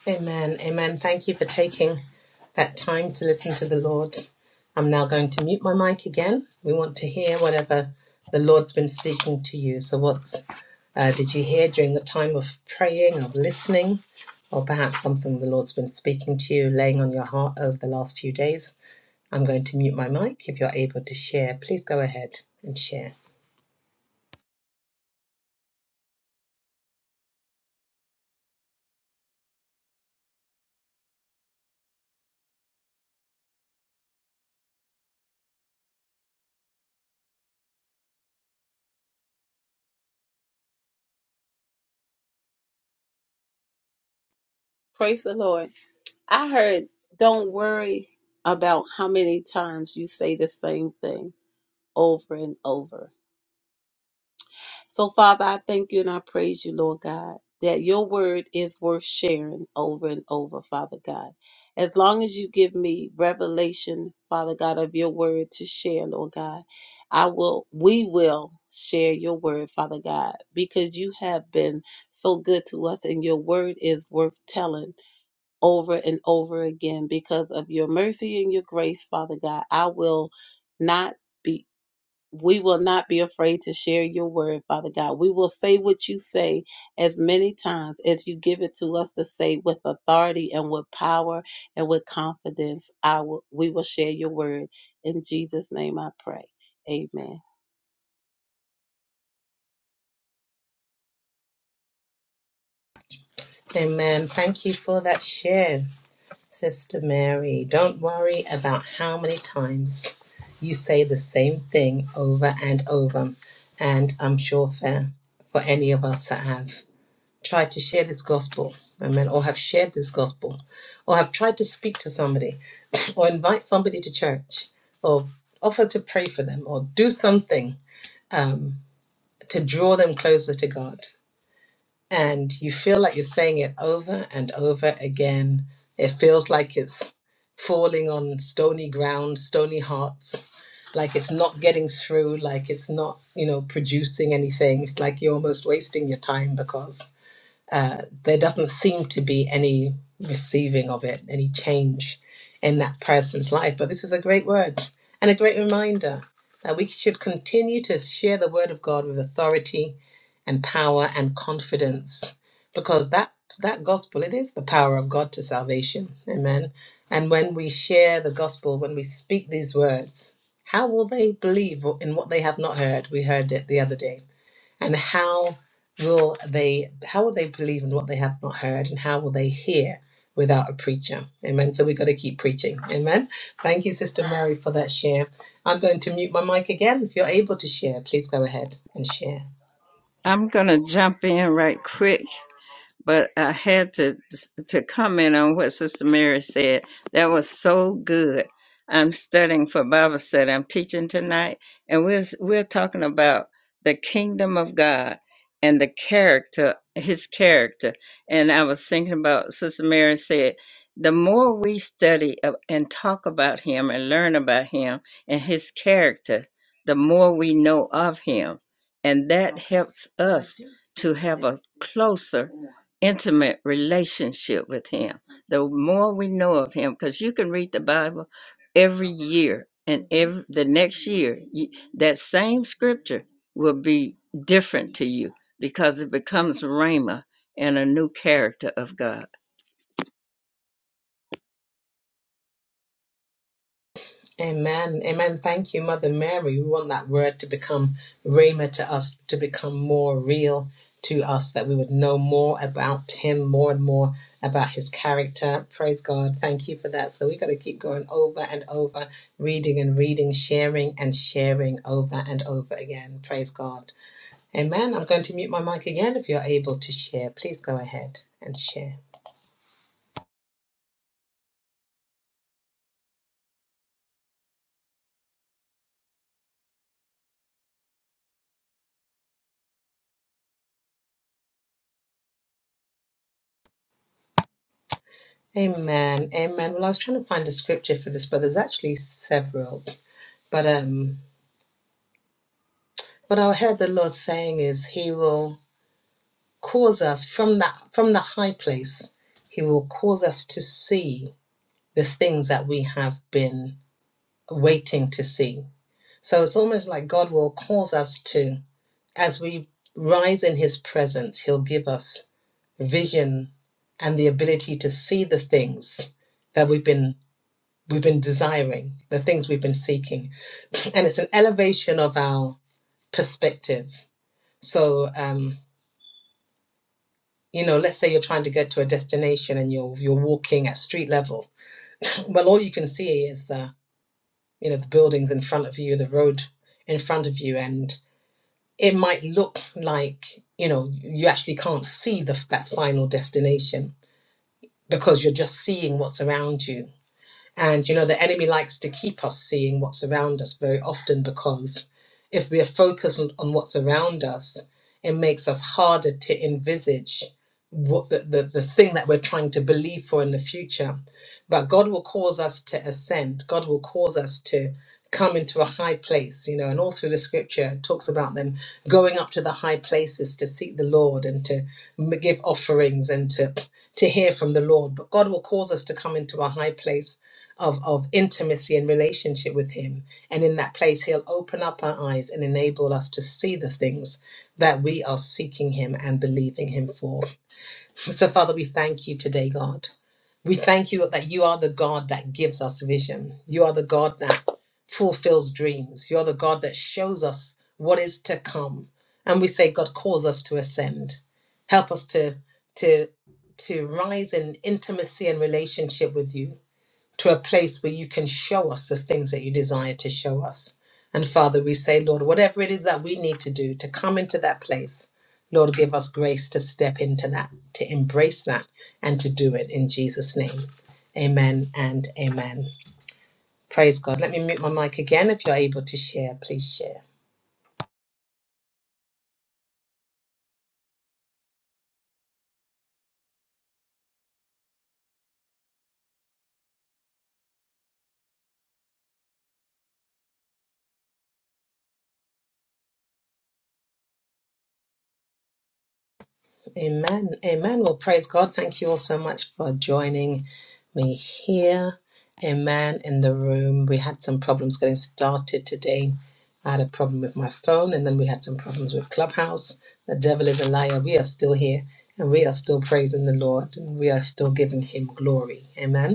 A: Amen. Amen. Thank you for taking that time to listen to the Lord. I'm now going to mute my mic again. We want to hear whatever the Lord's been speaking to you. So, what's Uh, did you hear during the time of praying, of listening, or perhaps something the Lord's been speaking to you, laying on your heart over the last few days? I'm going to mute my mic. If you're able to share, please go ahead and share.
C: Praise the Lord. I heard, don't worry about how many times you say the same thing over and over. So, Father, I thank you and I praise you, Lord God, that your word is worth sharing over and over, Father God. As long as you give me revelation, Father God, of your word to share, Lord God, I will, we will share your word, Father God, because you have been so good to us and your word is worth telling over and over again because of your mercy and your grace, Father God. I will not. be we will not be afraid to share your word, Father God. We will say what you say as many times as you give it to us to say with authority and with power and with confidence. I will, we will share your word. In Jesus' name I pray. Amen.
A: Amen. Thank you for that share, Sister Mary. Don't worry about how many times you say the same thing over and over. And I'm sure fair for any of us that have. tried to share this gospel, amen, or have shared this gospel, or have tried to speak to somebody, or invite somebody to church, or offer to pray for them, or do something um, to draw them closer to God. And you feel like you're saying it over and over again. It feels like it's falling on stony ground, stony hearts, like it's not getting through, like it's not, you know, producing anything. It's like you're almost wasting your time because uh, there doesn't seem to be any receiving of it, any change in that person's life. But this is a great word and a great reminder that we should continue to share the word of God with authority and power and confidence because that that gospel it is the power of God to salvation amen and when we share the gospel when we speak these words how will they believe in what they have not heard we heard it the other day and how will they how will they believe in what they have not heard and how will they hear without a preacher amen so we've got to keep preaching amen thank you sister mary for that share i'm going to mute my mic again if you're able to share please go ahead and share
E: I'm gonna jump in right quick but I had to to comment on what Sister Mary said. That was so good. I'm studying for Bible study. I'm teaching tonight, and we're we're talking about the kingdom of God and the character, His character. And I was thinking about Sister Mary said, the more we study of- and talk about Him and learn about Him and His character, the more we know of Him, and that helps us to have a closer intimate relationship with him. The more we know of him, because you can read the Bible every year, and every the next year you, that same scripture will be different to you because it becomes Rhema and a new character of God.
A: Amen. Amen. Thank you, Mother Mary. We want that word to become rhema to us, to become more real to us, that we would know more about him, more and more about his character. Praise God. Thank you for that. So we have got to keep going over and over, reading and reading, sharing and sharing over and over again. Praise God. Amen. I'm going to mute my mic again. If you're able to share, please go ahead and share. Amen. Amen. Well, I was trying to find a scripture for this, but there's actually several. But um But I heard the Lord saying is He will cause us from that from the high place, He will cause us to see the things that we have been waiting to see. So it's almost like God will cause us to, as we rise in His presence, He'll give us vision and the ability to see the things that we've been we've been desiring, the things we've been seeking. And it's an elevation of our perspective. So um you know let's say you're trying to get to a destination and you're you're walking at street level well all you can see is the you know the buildings in front of you the road in front of you and it might look like you know you actually can't see the that final destination because you're just seeing what's around you and you know, the enemy likes to keep us seeing what's around us very often because if we are focused on, on what's around us, it makes us harder to envisage what the, the, the thing that we're trying to believe for in the future. But God will cause us to ascend. God will cause us to come into a high place, you know, and all through the scripture it talks about them going up to the high places to seek the Lord and to m- give offerings and to to hear from the Lord. But God will cause us to come into a high place of, of intimacy and relationship with him. And in that place, he'll open up our eyes and enable us to see the things that we are seeking him and believing him for. So, Father, we thank you today, God. We thank you that you are the God that gives us vision. You are the God that fulfills dreams. You're the God that shows us what is to come. And we say, God, cause us to ascend. Help us to, to, to rise in intimacy and relationship with you to a place where you can show us the things that you desire to show us. And Father, we say, Lord, whatever it is that we need to do to come into that place, Lord, give us grace to step into that, to embrace that, and to do it in Jesus' name. Amen and amen. Praise God. Let me mute my mic again. If you're able to share, please share. Amen. Amen. Well, praise God. Thank you all so much for joining me here. Amen. In the room, we had some problems getting started today. I had a problem with my phone, and then we had some problems with Clubhouse. The devil is a liar. We are still here, and we are still praising the Lord, and we are still giving Him glory. Amen.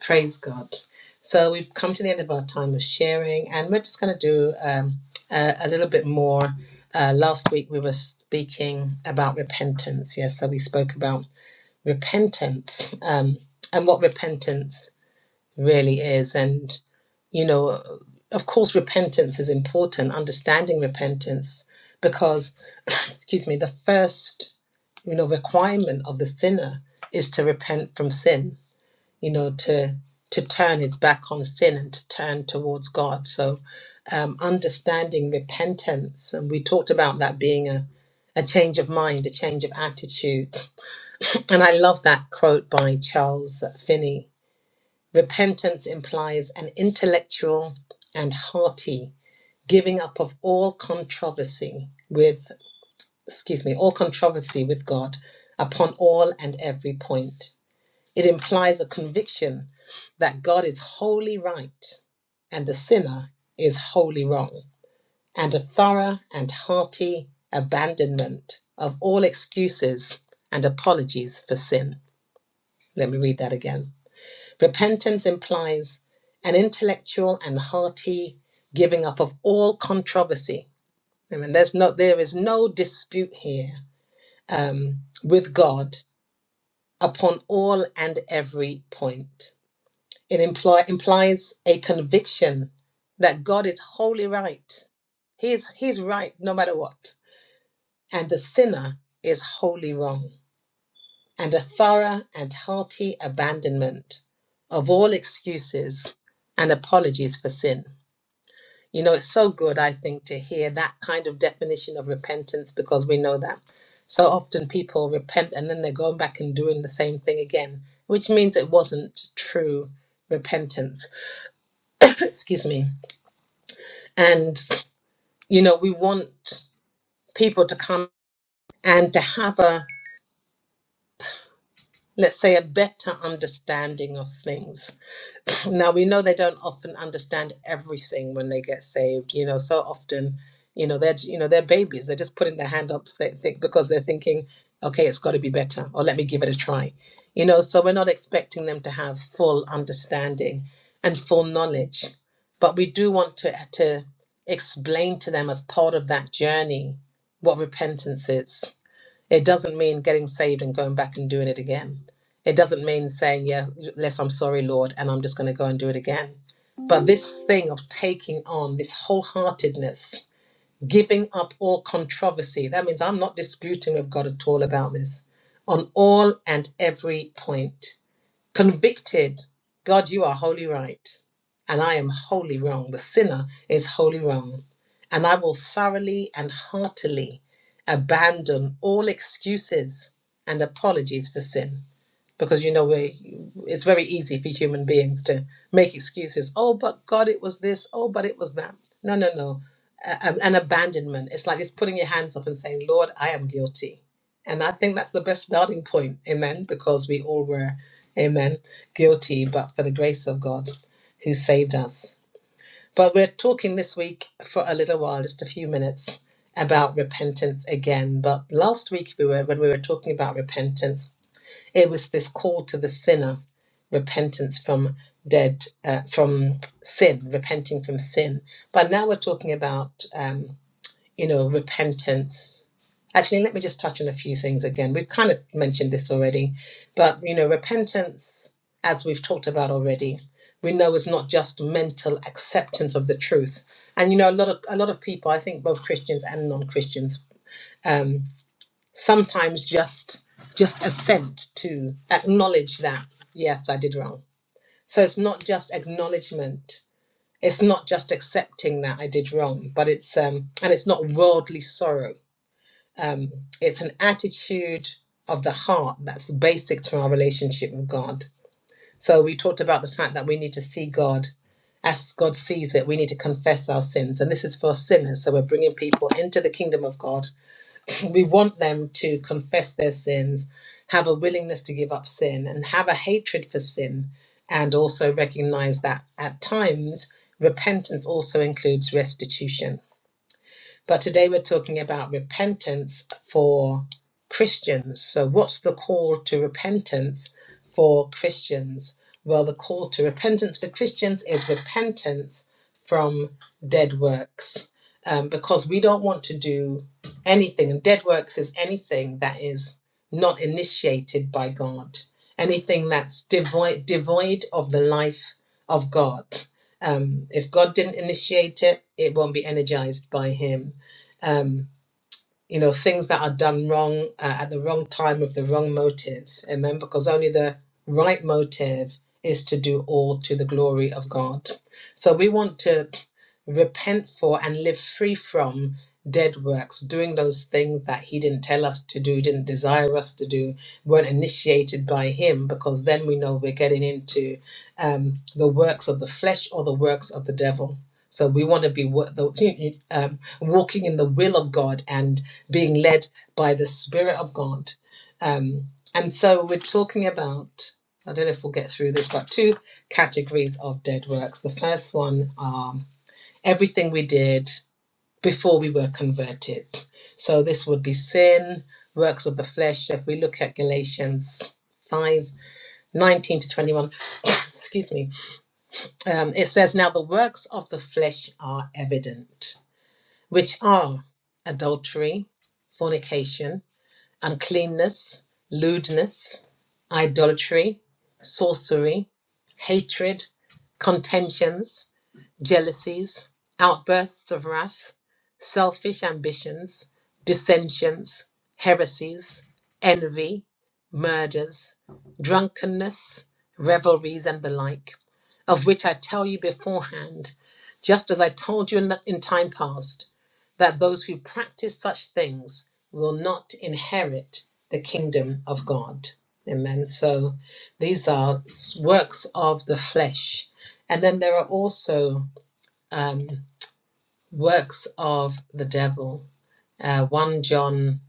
A: Praise God. So we've come to the end of our time of sharing, and we're just going to do um, a, a little bit more. Uh, last week we were speaking about repentance. Yes, so we spoke about repentance um, and what repentance really is. And, you know, of course, repentance is important, understanding repentance, because, excuse me, the first, you know, requirement of the sinner is to repent from sin you know, to to turn his back on sin and to turn towards God. So, um, understanding repentance, and we talked about that being a a change of mind, a change of attitude. And I love that quote by Charles Finney. Repentance implies an intellectual and hearty giving up of all controversy with, excuse me, all controversy with God upon all and every point it implies a conviction that God is wholly right and the sinner is wholly wrong, and a thorough and hearty abandonment of all excuses and apologies for sin. Let me read that again. Repentance implies an intellectual and hearty giving up of all controversy. I mean, there's no, there is no dispute here um, with God upon all and every point It imply, implies a conviction that God is wholly right. He's, he's right no matter what. And the sinner is wholly wrong. And a thorough and hearty abandonment of all excuses and apologies for sin. You know, it's so good, I think, to hear that kind of definition of repentance because we know that so often people repent and then they're going back and doing the same thing again, which means it wasn't true repentance. Excuse me. And, you know, we want people to come and to have a, let's say, a better understanding of things. Now we know they don't often understand everything when they get saved. You know, so often, you know, they're you know they're babies. They're just putting their hand up they think, because they're thinking, okay, it's got to be better, or let me give it a try. You know, so we're not expecting them to have full understanding and full knowledge, but we do want to to explain to them as part of that journey what repentance is it doesn't mean getting saved and going back and doing it again. It doesn't mean saying, yeah, yes, I'm sorry, Lord, and I'm just going to go and do it again. But this thing of taking on this wholeheartedness, giving up all controversy, that means I'm not disputing with God at all about this on all and every point. Convicted, God, you are wholly right, and I am wholly wrong. The sinner is wholly wrong, and I will thoroughly and heartily abandon all excuses and apologies for sin because you know we it's very easy for human beings to make excuses oh but god it was this oh but it was that no no no A- um, an abandonment it's like it's putting your hands up and saying lord i am guilty and i think that's the best starting point amen because we all were amen guilty but for the grace of god who saved us but we're talking this week for a little while just a few minutes about repentance again but last week we were when we were talking about repentance it was this call to the sinner repentance from dead uh, from sin repenting from sin but now we're talking about um, you know repentance actually let me just touch on a few things again we've kind of mentioned this already but you know repentance as we've talked about already we know is not just mental acceptance of the truth and you know a lot of a lot of people i think both christians and non-christians um, sometimes just just assent to acknowledge that yes i did wrong so it's not just acknowledgement it's not just accepting that i did wrong but it's um and it's not worldly sorrow um it's an attitude of the heart that's basic to our relationship with god so we talked about the fact that we need to see god as god sees it we need to confess our sins and this is for sinners so we're bringing people into the kingdom of god we want them to confess their sins, have a willingness to give up sin, and have a hatred for sin, and also recognize that at times repentance also includes restitution but today we're talking about repentance for Christians. So, what's the call to repentance for Christians? Well, the call to repentance for Christians is repentance from dead works um, because we don't want to do anything, and dead works is anything that is not initiated by God, anything that's devoid, devoid of the life of God. Um, if God didn't initiate it, it won't be energized by Him um, you know things that are done wrong uh, at the wrong time with the wrong motive amen because only the right motive is to do all to the glory of god so we want to repent for and live free from dead works doing those things that he didn't tell us to do didn't desire us to do weren't initiated by him because then we know we're getting into um, the works of the flesh or the works of the devil so we want to be wo- the, um, walking in the will of God and being led by the Spirit of God. Um, and so we're talking about, I don't know if we'll get through this, but two categories of dead works. The first one are everything we did before we were converted. So this would be sin, works of the flesh. If we look at Galatians 5 19 to 21, excuse me, um, it says, Now the works of the flesh are evident, which are adultery, fornication uncleanness, lewdness, idolatry, sorcery, hatred, contentions jealousies, outbursts of wrath, selfish ambitions, dissensions, heresies, envy, murders, drunkenness, revelries, and the like, of which I tell you beforehand, just as I told you in, the, in time past, that those who practice such things will not inherit the kingdom of God. Amen. So these are works of the flesh. And then there are also um, works of the devil. Uh, 1 John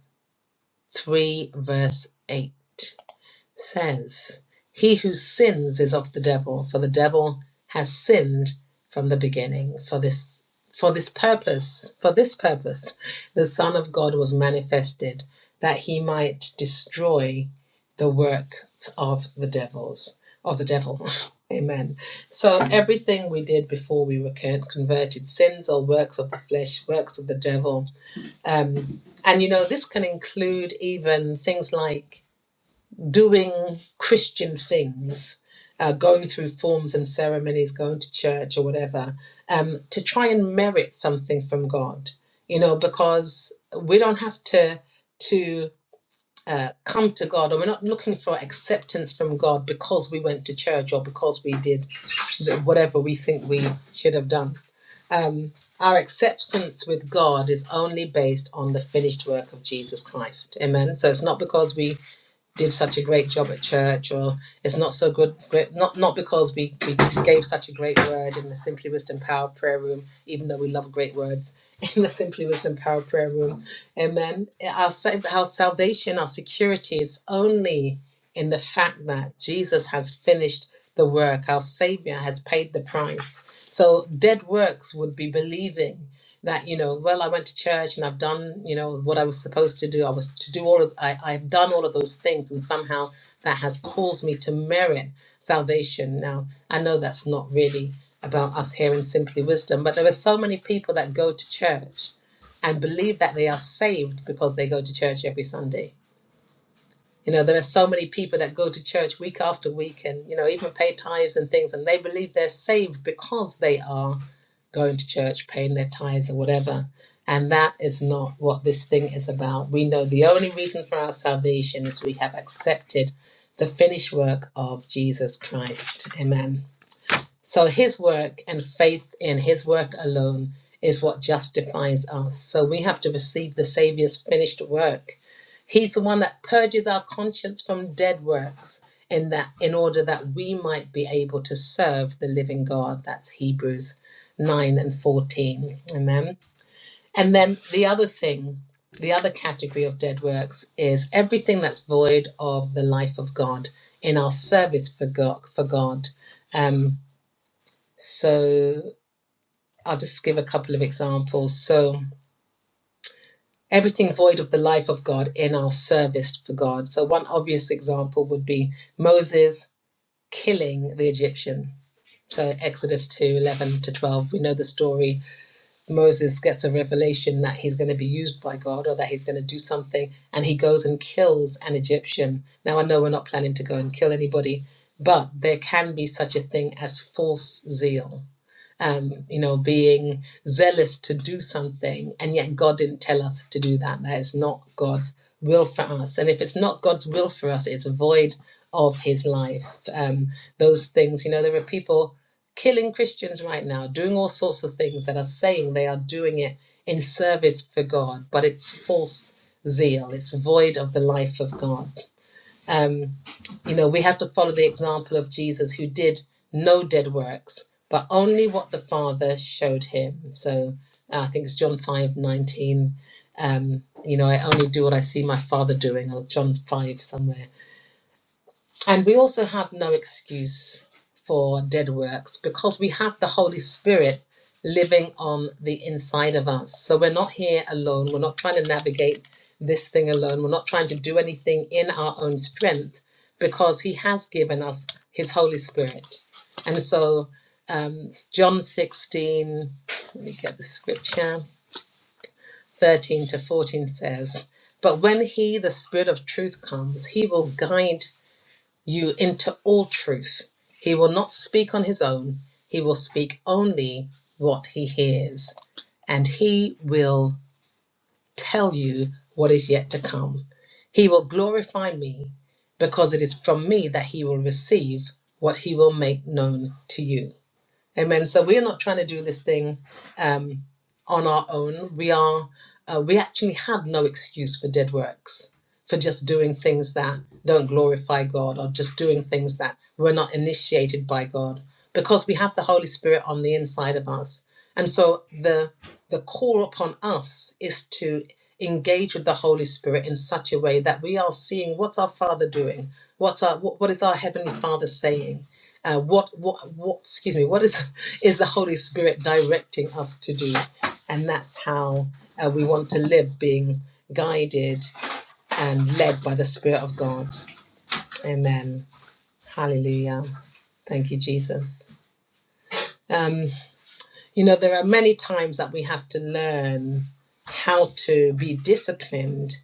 A: 3, verse 8 says, He who sins is of the devil, for the devil has sinned from the beginning. For this for this purpose, for this purpose, the Son of God was manifested, that he might destroy the works of the devils, of the devil. Amen. So everything we did before we were converted, sins or works of the flesh, works of the devil, um, and you know this can include even things like doing Christian things, uh, going through forms and ceremonies, going to church or whatever, um, to try and merit something from God, you know, because we don't have to to uh, come to God, or we're not looking for acceptance from God because we went to church or because we did whatever we think we should have done. Um, our acceptance with God is only based on the finished work of Jesus Christ. Amen. So it's not because we did such a great job at church or it's not so good great, not not because we, we gave such a great word in the simply wisdom power prayer room even though we love great words in the simply wisdom power prayer room amen our, sa- our salvation our security is only in the fact that jesus has finished the work our savior has paid the price so dead works would be believing that you know well i went to church and i've done you know what i was supposed to do i was to do all of I, i've done all of those things and somehow that has caused me to merit salvation now i know that's not really about us here in simply wisdom but there are so many people that go to church and believe that they are saved because they go to church every sunday you know, there are so many people that go to church week after week and, you know, even pay tithes and things, and they believe they're saved because they are going to church, paying their tithes or whatever. And that is not what this thing is about. We know the only reason for our salvation is we have accepted the finished work of Jesus Christ. Amen. So his work and faith in his work alone is what justifies us. So we have to receive the Savior's finished work. He's the one that purges our conscience from dead works in that in order that we might be able to serve the living God. That's Hebrews 9 and 14. Amen. And then the other thing, the other category of dead works is everything that's void of the life of God in our service for God for God. um. So I'll just give a couple of examples. So everything void of the life of God in our service for God. So one obvious example would be Moses killing the Egyptian. So Exodus two eleven to 12, we know the story Moses gets a revelation that he's going to be used by God or that he's going to do something, and he goes and kills an Egyptian. Now, I know we're not planning to go and kill anybody, but there can be such a thing as false zeal. Um, you know, being zealous to do something, and yet God didn't tell us to do that. That is not God's will for us. And if it's not God's will for us, it's void of His life. Um, those things, you know, there are people killing Christians right now, doing all sorts of things that are saying they are doing it in service for God, but it's false zeal. It's void of the life of God. Um, you know, we have to follow the example of Jesus who did no dead works, but only what the Father showed him. So uh, I think it's John 5 19. Um, you know, I only do what I see my Father doing, or John 5 somewhere and we also have no excuse for dead works because we have the Holy Spirit living on the inside of us. So we're not here alone. We're not trying to navigate this thing alone. We're not trying to do anything in our own strength because He has given us His Holy Spirit. And so, um, John 16, let me get the scripture, 13 to 14 says, But when He, the Spirit of truth, comes, He will guide you into all truth. He will not speak on his own, he will speak only what he hears, and he will tell you what is yet to come. He will glorify me, because it is from me that he will receive what he will make known to you. Amen. So we are not trying to do this thing um, on our own. We are. Uh, we actually have no excuse for dead works, for just doing things that don't glorify God, or just doing things that were not initiated by God, because we have the Holy Spirit on the inside of us. And so the the call upon us is to engage with the Holy Spirit in such a way that we are seeing what's our Father doing, what's our what, what is our Heavenly Father saying, uh, what what what excuse me what is is the Holy Spirit directing us to do. And that's how uh, we want to live, being guided and led by the Spirit of God. Amen. Hallelujah. Thank you, Jesus. Um, you know, there are many times that we have to learn how to be disciplined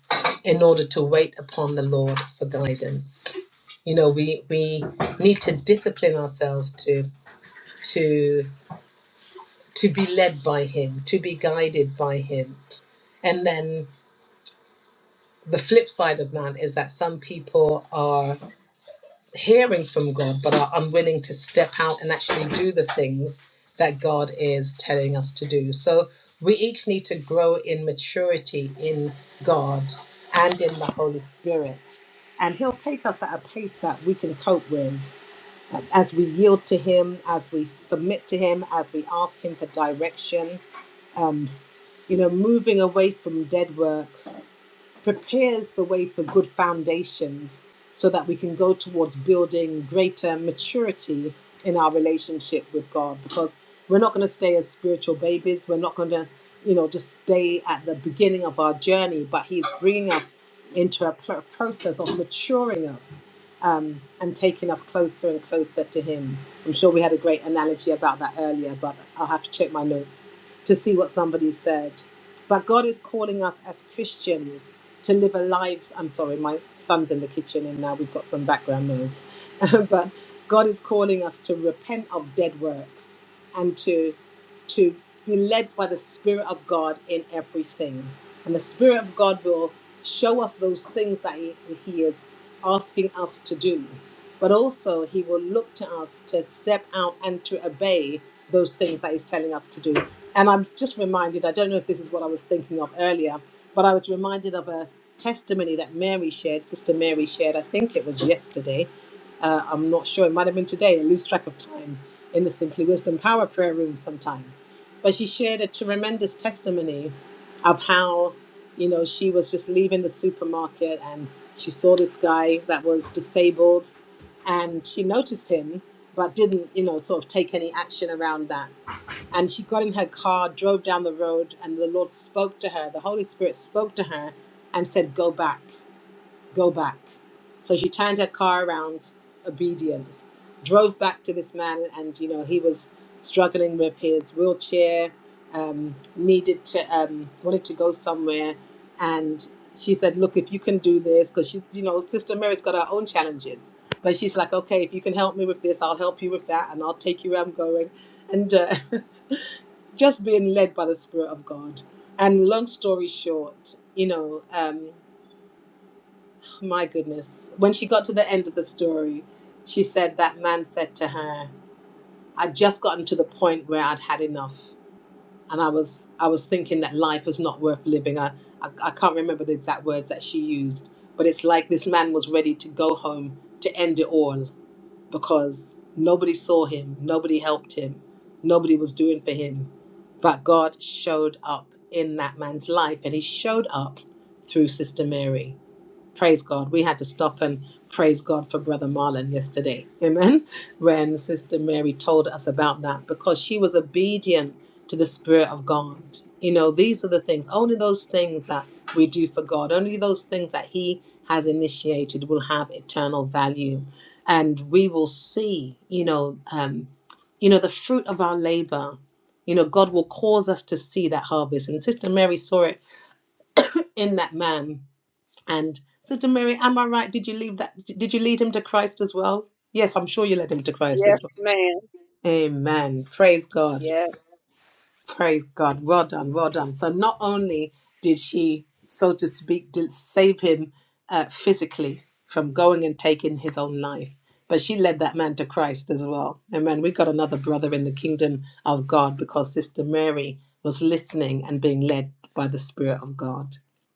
A: in order to wait upon the Lord for guidance. You know, we we need to discipline ourselves to to to be led by him, to be guided by him. And then the flip side of that is that some people are hearing from God but are unwilling to step out and actually do the things that God is telling us to do. So we each need to grow in maturity in God and in the Holy Spirit. And He'll take us at a pace that we can cope with um, as we yield to Him, as we submit to Him, as we ask Him for direction um, you know, moving away from dead works prepares the way for good foundations so that we can go towards building greater maturity in our relationship with God because we're not going to stay as spiritual babies. We're not going to, you know, just stay at the beginning of our journey, but He's bringing us into a pr- process of maturing us um, and taking us closer and closer to Him. I'm sure we had a great analogy about that earlier, but I'll have to check my notes to see what somebody said. But God is calling us as Christians to live a life. I'm sorry, my son's in the kitchen and now we've got some background noise. but God is calling us to repent of dead works and to to be led by the Spirit of God in everything. And the Spirit of God will show us those things that He, he is asking us to do. But also, He will look to us to step out and to obey those things that He's telling us to do. And I'm just reminded, I don't know if this is what I was thinking of earlier, but I was reminded of a testimony that Mary shared, Sister Mary shared, I think it was yesterday. Uh, I'm not sure, it might have been today. I lose track of time in the Simply Wisdom Power Prayer Room sometimes. But she shared a tremendous testimony of how, you know, she was just leaving the supermarket and she saw this guy that was disabled and she noticed him but didn't, you know, sort of take any action around that and she got in her car, drove down the road, and the Lord spoke to her. The Holy Spirit spoke to her and said, Go back, go back. So she turned her car around, obedience, drove back to this man, and you know, he was struggling with his wheelchair, um, needed to, um, wanted to go somewhere. And she said, Look, if you can do this, because she's, you know, Sister Mary's got her own challenges. But she's like, Okay, if you can help me with this, I'll help you with that, and I'll take you where I'm going. And, uh, just being led by the Spirit of God. And long story short, you know, um, my goodness, when she got to the end of the story, she said that man said to her, "I'd just gotten to the point where I'd had enough, and I was I was thinking that life was not worth living." I I, I can't remember the exact words that she used, but it's like this man was ready to go home to end it all because nobody saw him, nobody helped him, nobody was doing for him. But God showed up in that man's life and he showed up through Sister Mary praise God. We had to stop and praise God for Brother Marlon yesterday. Amen. When Sister Mary told us about that, because she was obedient to the Spirit of God. You know, these are the things, only those things that we do for God, only those things that He has initiated will have eternal value. And we will see, you know, um, you know, the fruit of our labor. You know, God will cause us to see that harvest. And Sister Mary saw it in that man and Sister Mary, am I right? Did you leave that? Did you lead him to Christ as well? Yes, I'm sure you led him to Christ as
C: Yes,
A: well.
C: ma'am.
A: Amen. Praise God.
C: Yes.
A: Praise God. Well done. Well done. So not only did she, so to speak, did save him uh, physically from going and taking his own life, but she led that man to Christ as well. Amen. We got another brother in the kingdom of God because Sister Mary was listening and being led by the Spirit of God.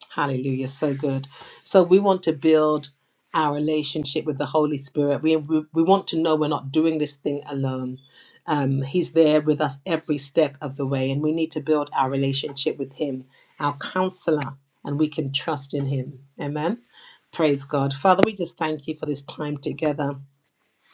A: Hallelujah. So good. So we want to build our relationship with the Holy Spirit. We, we, we want to know we're not doing this thing alone um, he's there with us every step of the way, and we need to build our relationship with Him, our counselor, and we can trust in Him. Amen. Praise God. Father, we just thank you for this time together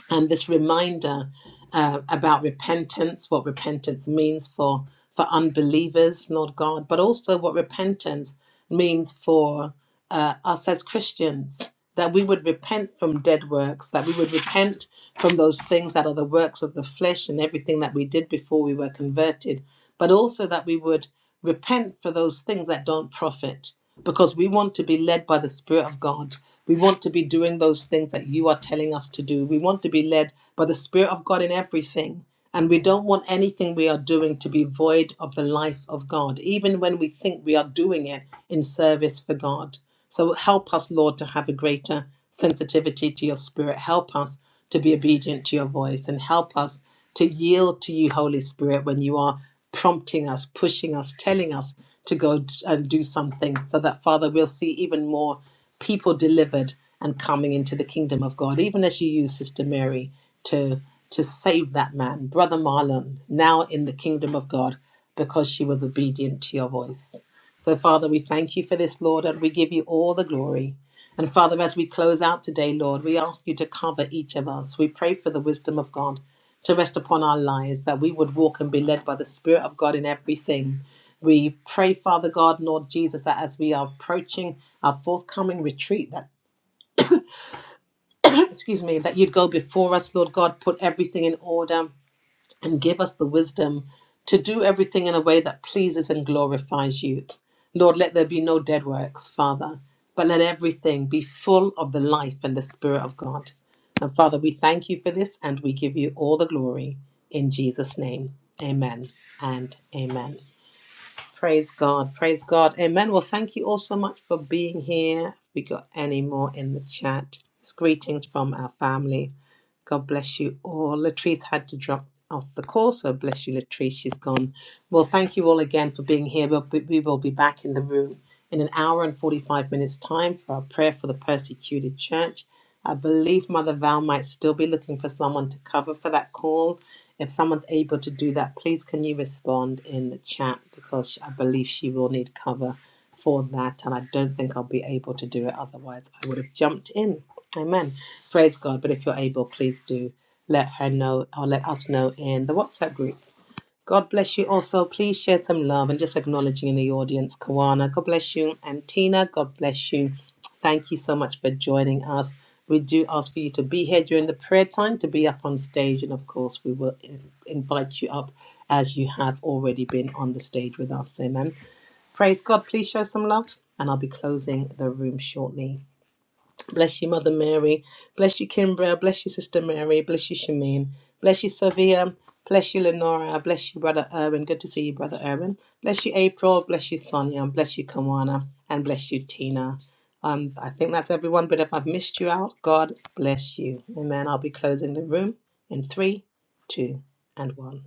A: and this reminder uh, about repentance, what repentance means for. For unbelievers, Lord God, but also what repentance means for uh, us as Christians that we would repent from dead works, that we would repent from those things that are the works of the flesh and everything that we did before we were converted, but also that we would repent for those things that don't profit because we want to be led by the Spirit of God. We want to be doing those things that you are telling us to do. We want to be led by the Spirit of God in everything. And we don't want anything we are doing to be void of the life of God, even when we think we are doing it in service for God. So help us, Lord, to have a greater sensitivity to your spirit. Help us to be obedient to your voice and help us to yield to you, Holy Spirit, when you are prompting us, pushing us, telling us to go and do something so that, Father, we'll see even more people delivered and coming into the kingdom of God, even as you use Sister Mary to, to save that man, Brother Marlon, now in the kingdom of God, because she was obedient to your voice. So, Father, we thank you for this, Lord, and we give you all the glory. And, Father, as we close out today, Lord, we ask you to cover each of us. We pray for the wisdom of God to rest upon our lives, that we would walk and be led by the Spirit of God in everything. We pray, Father God, Lord Jesus, that as we are approaching our forthcoming retreat, that, excuse me, that you'd go before us, Lord God, put everything in order and give us the wisdom to do everything in a way that pleases and glorifies you. Lord, let there be no dead works, Father, but let everything be full of the life and the Spirit of God. And Father, we thank you for this and we give you all the glory in Jesus' name. Amen and amen. Praise God. Praise God. Amen. Well, thank you all so much for being here. If We got any more in the chat? It's greetings from our family. God bless you all. Latrice had to drop off the call, so bless you, Latrice. She's gone. Well, thank you all again for being here. But we we will be back in the room in an hour and 45 minutes' time for our prayer for the persecuted church. I believe Mother Val might still be looking for someone to cover for that call. If someone's able to do that, please can you respond in the chat because I believe she will need cover for that, and I don't think I'll be able to do it otherwise. I would have jumped in. Amen. Praise God. But if you're able, please do let her know or let us know in the WhatsApp group. God bless you also. Please share some love and just acknowledging in the audience, Kawana. God bless you. And Tina, God bless you. Thank you so much for joining us. We do ask for you to be here during the prayer time, to be up on stage. And of course, we will in- invite you up as you have already been on the stage with us. Amen. Praise God. Please show some love. And I'll be closing the room shortly. Bless you, Mother Mary. Bless you, Kimbra. Bless you, Sister Mary. Bless you, Shameen. Bless you, Savia. Bless you, Lenora. Bless you, Brother Irwin. Good to see you, Brother Irwin. Bless you, April. Bless you, Sonia. Bless you, Kawana. And bless you, Tina. Um, I think that's everyone, but if I've missed you out, God bless you. Amen. I'll be closing the room in three, two, and one.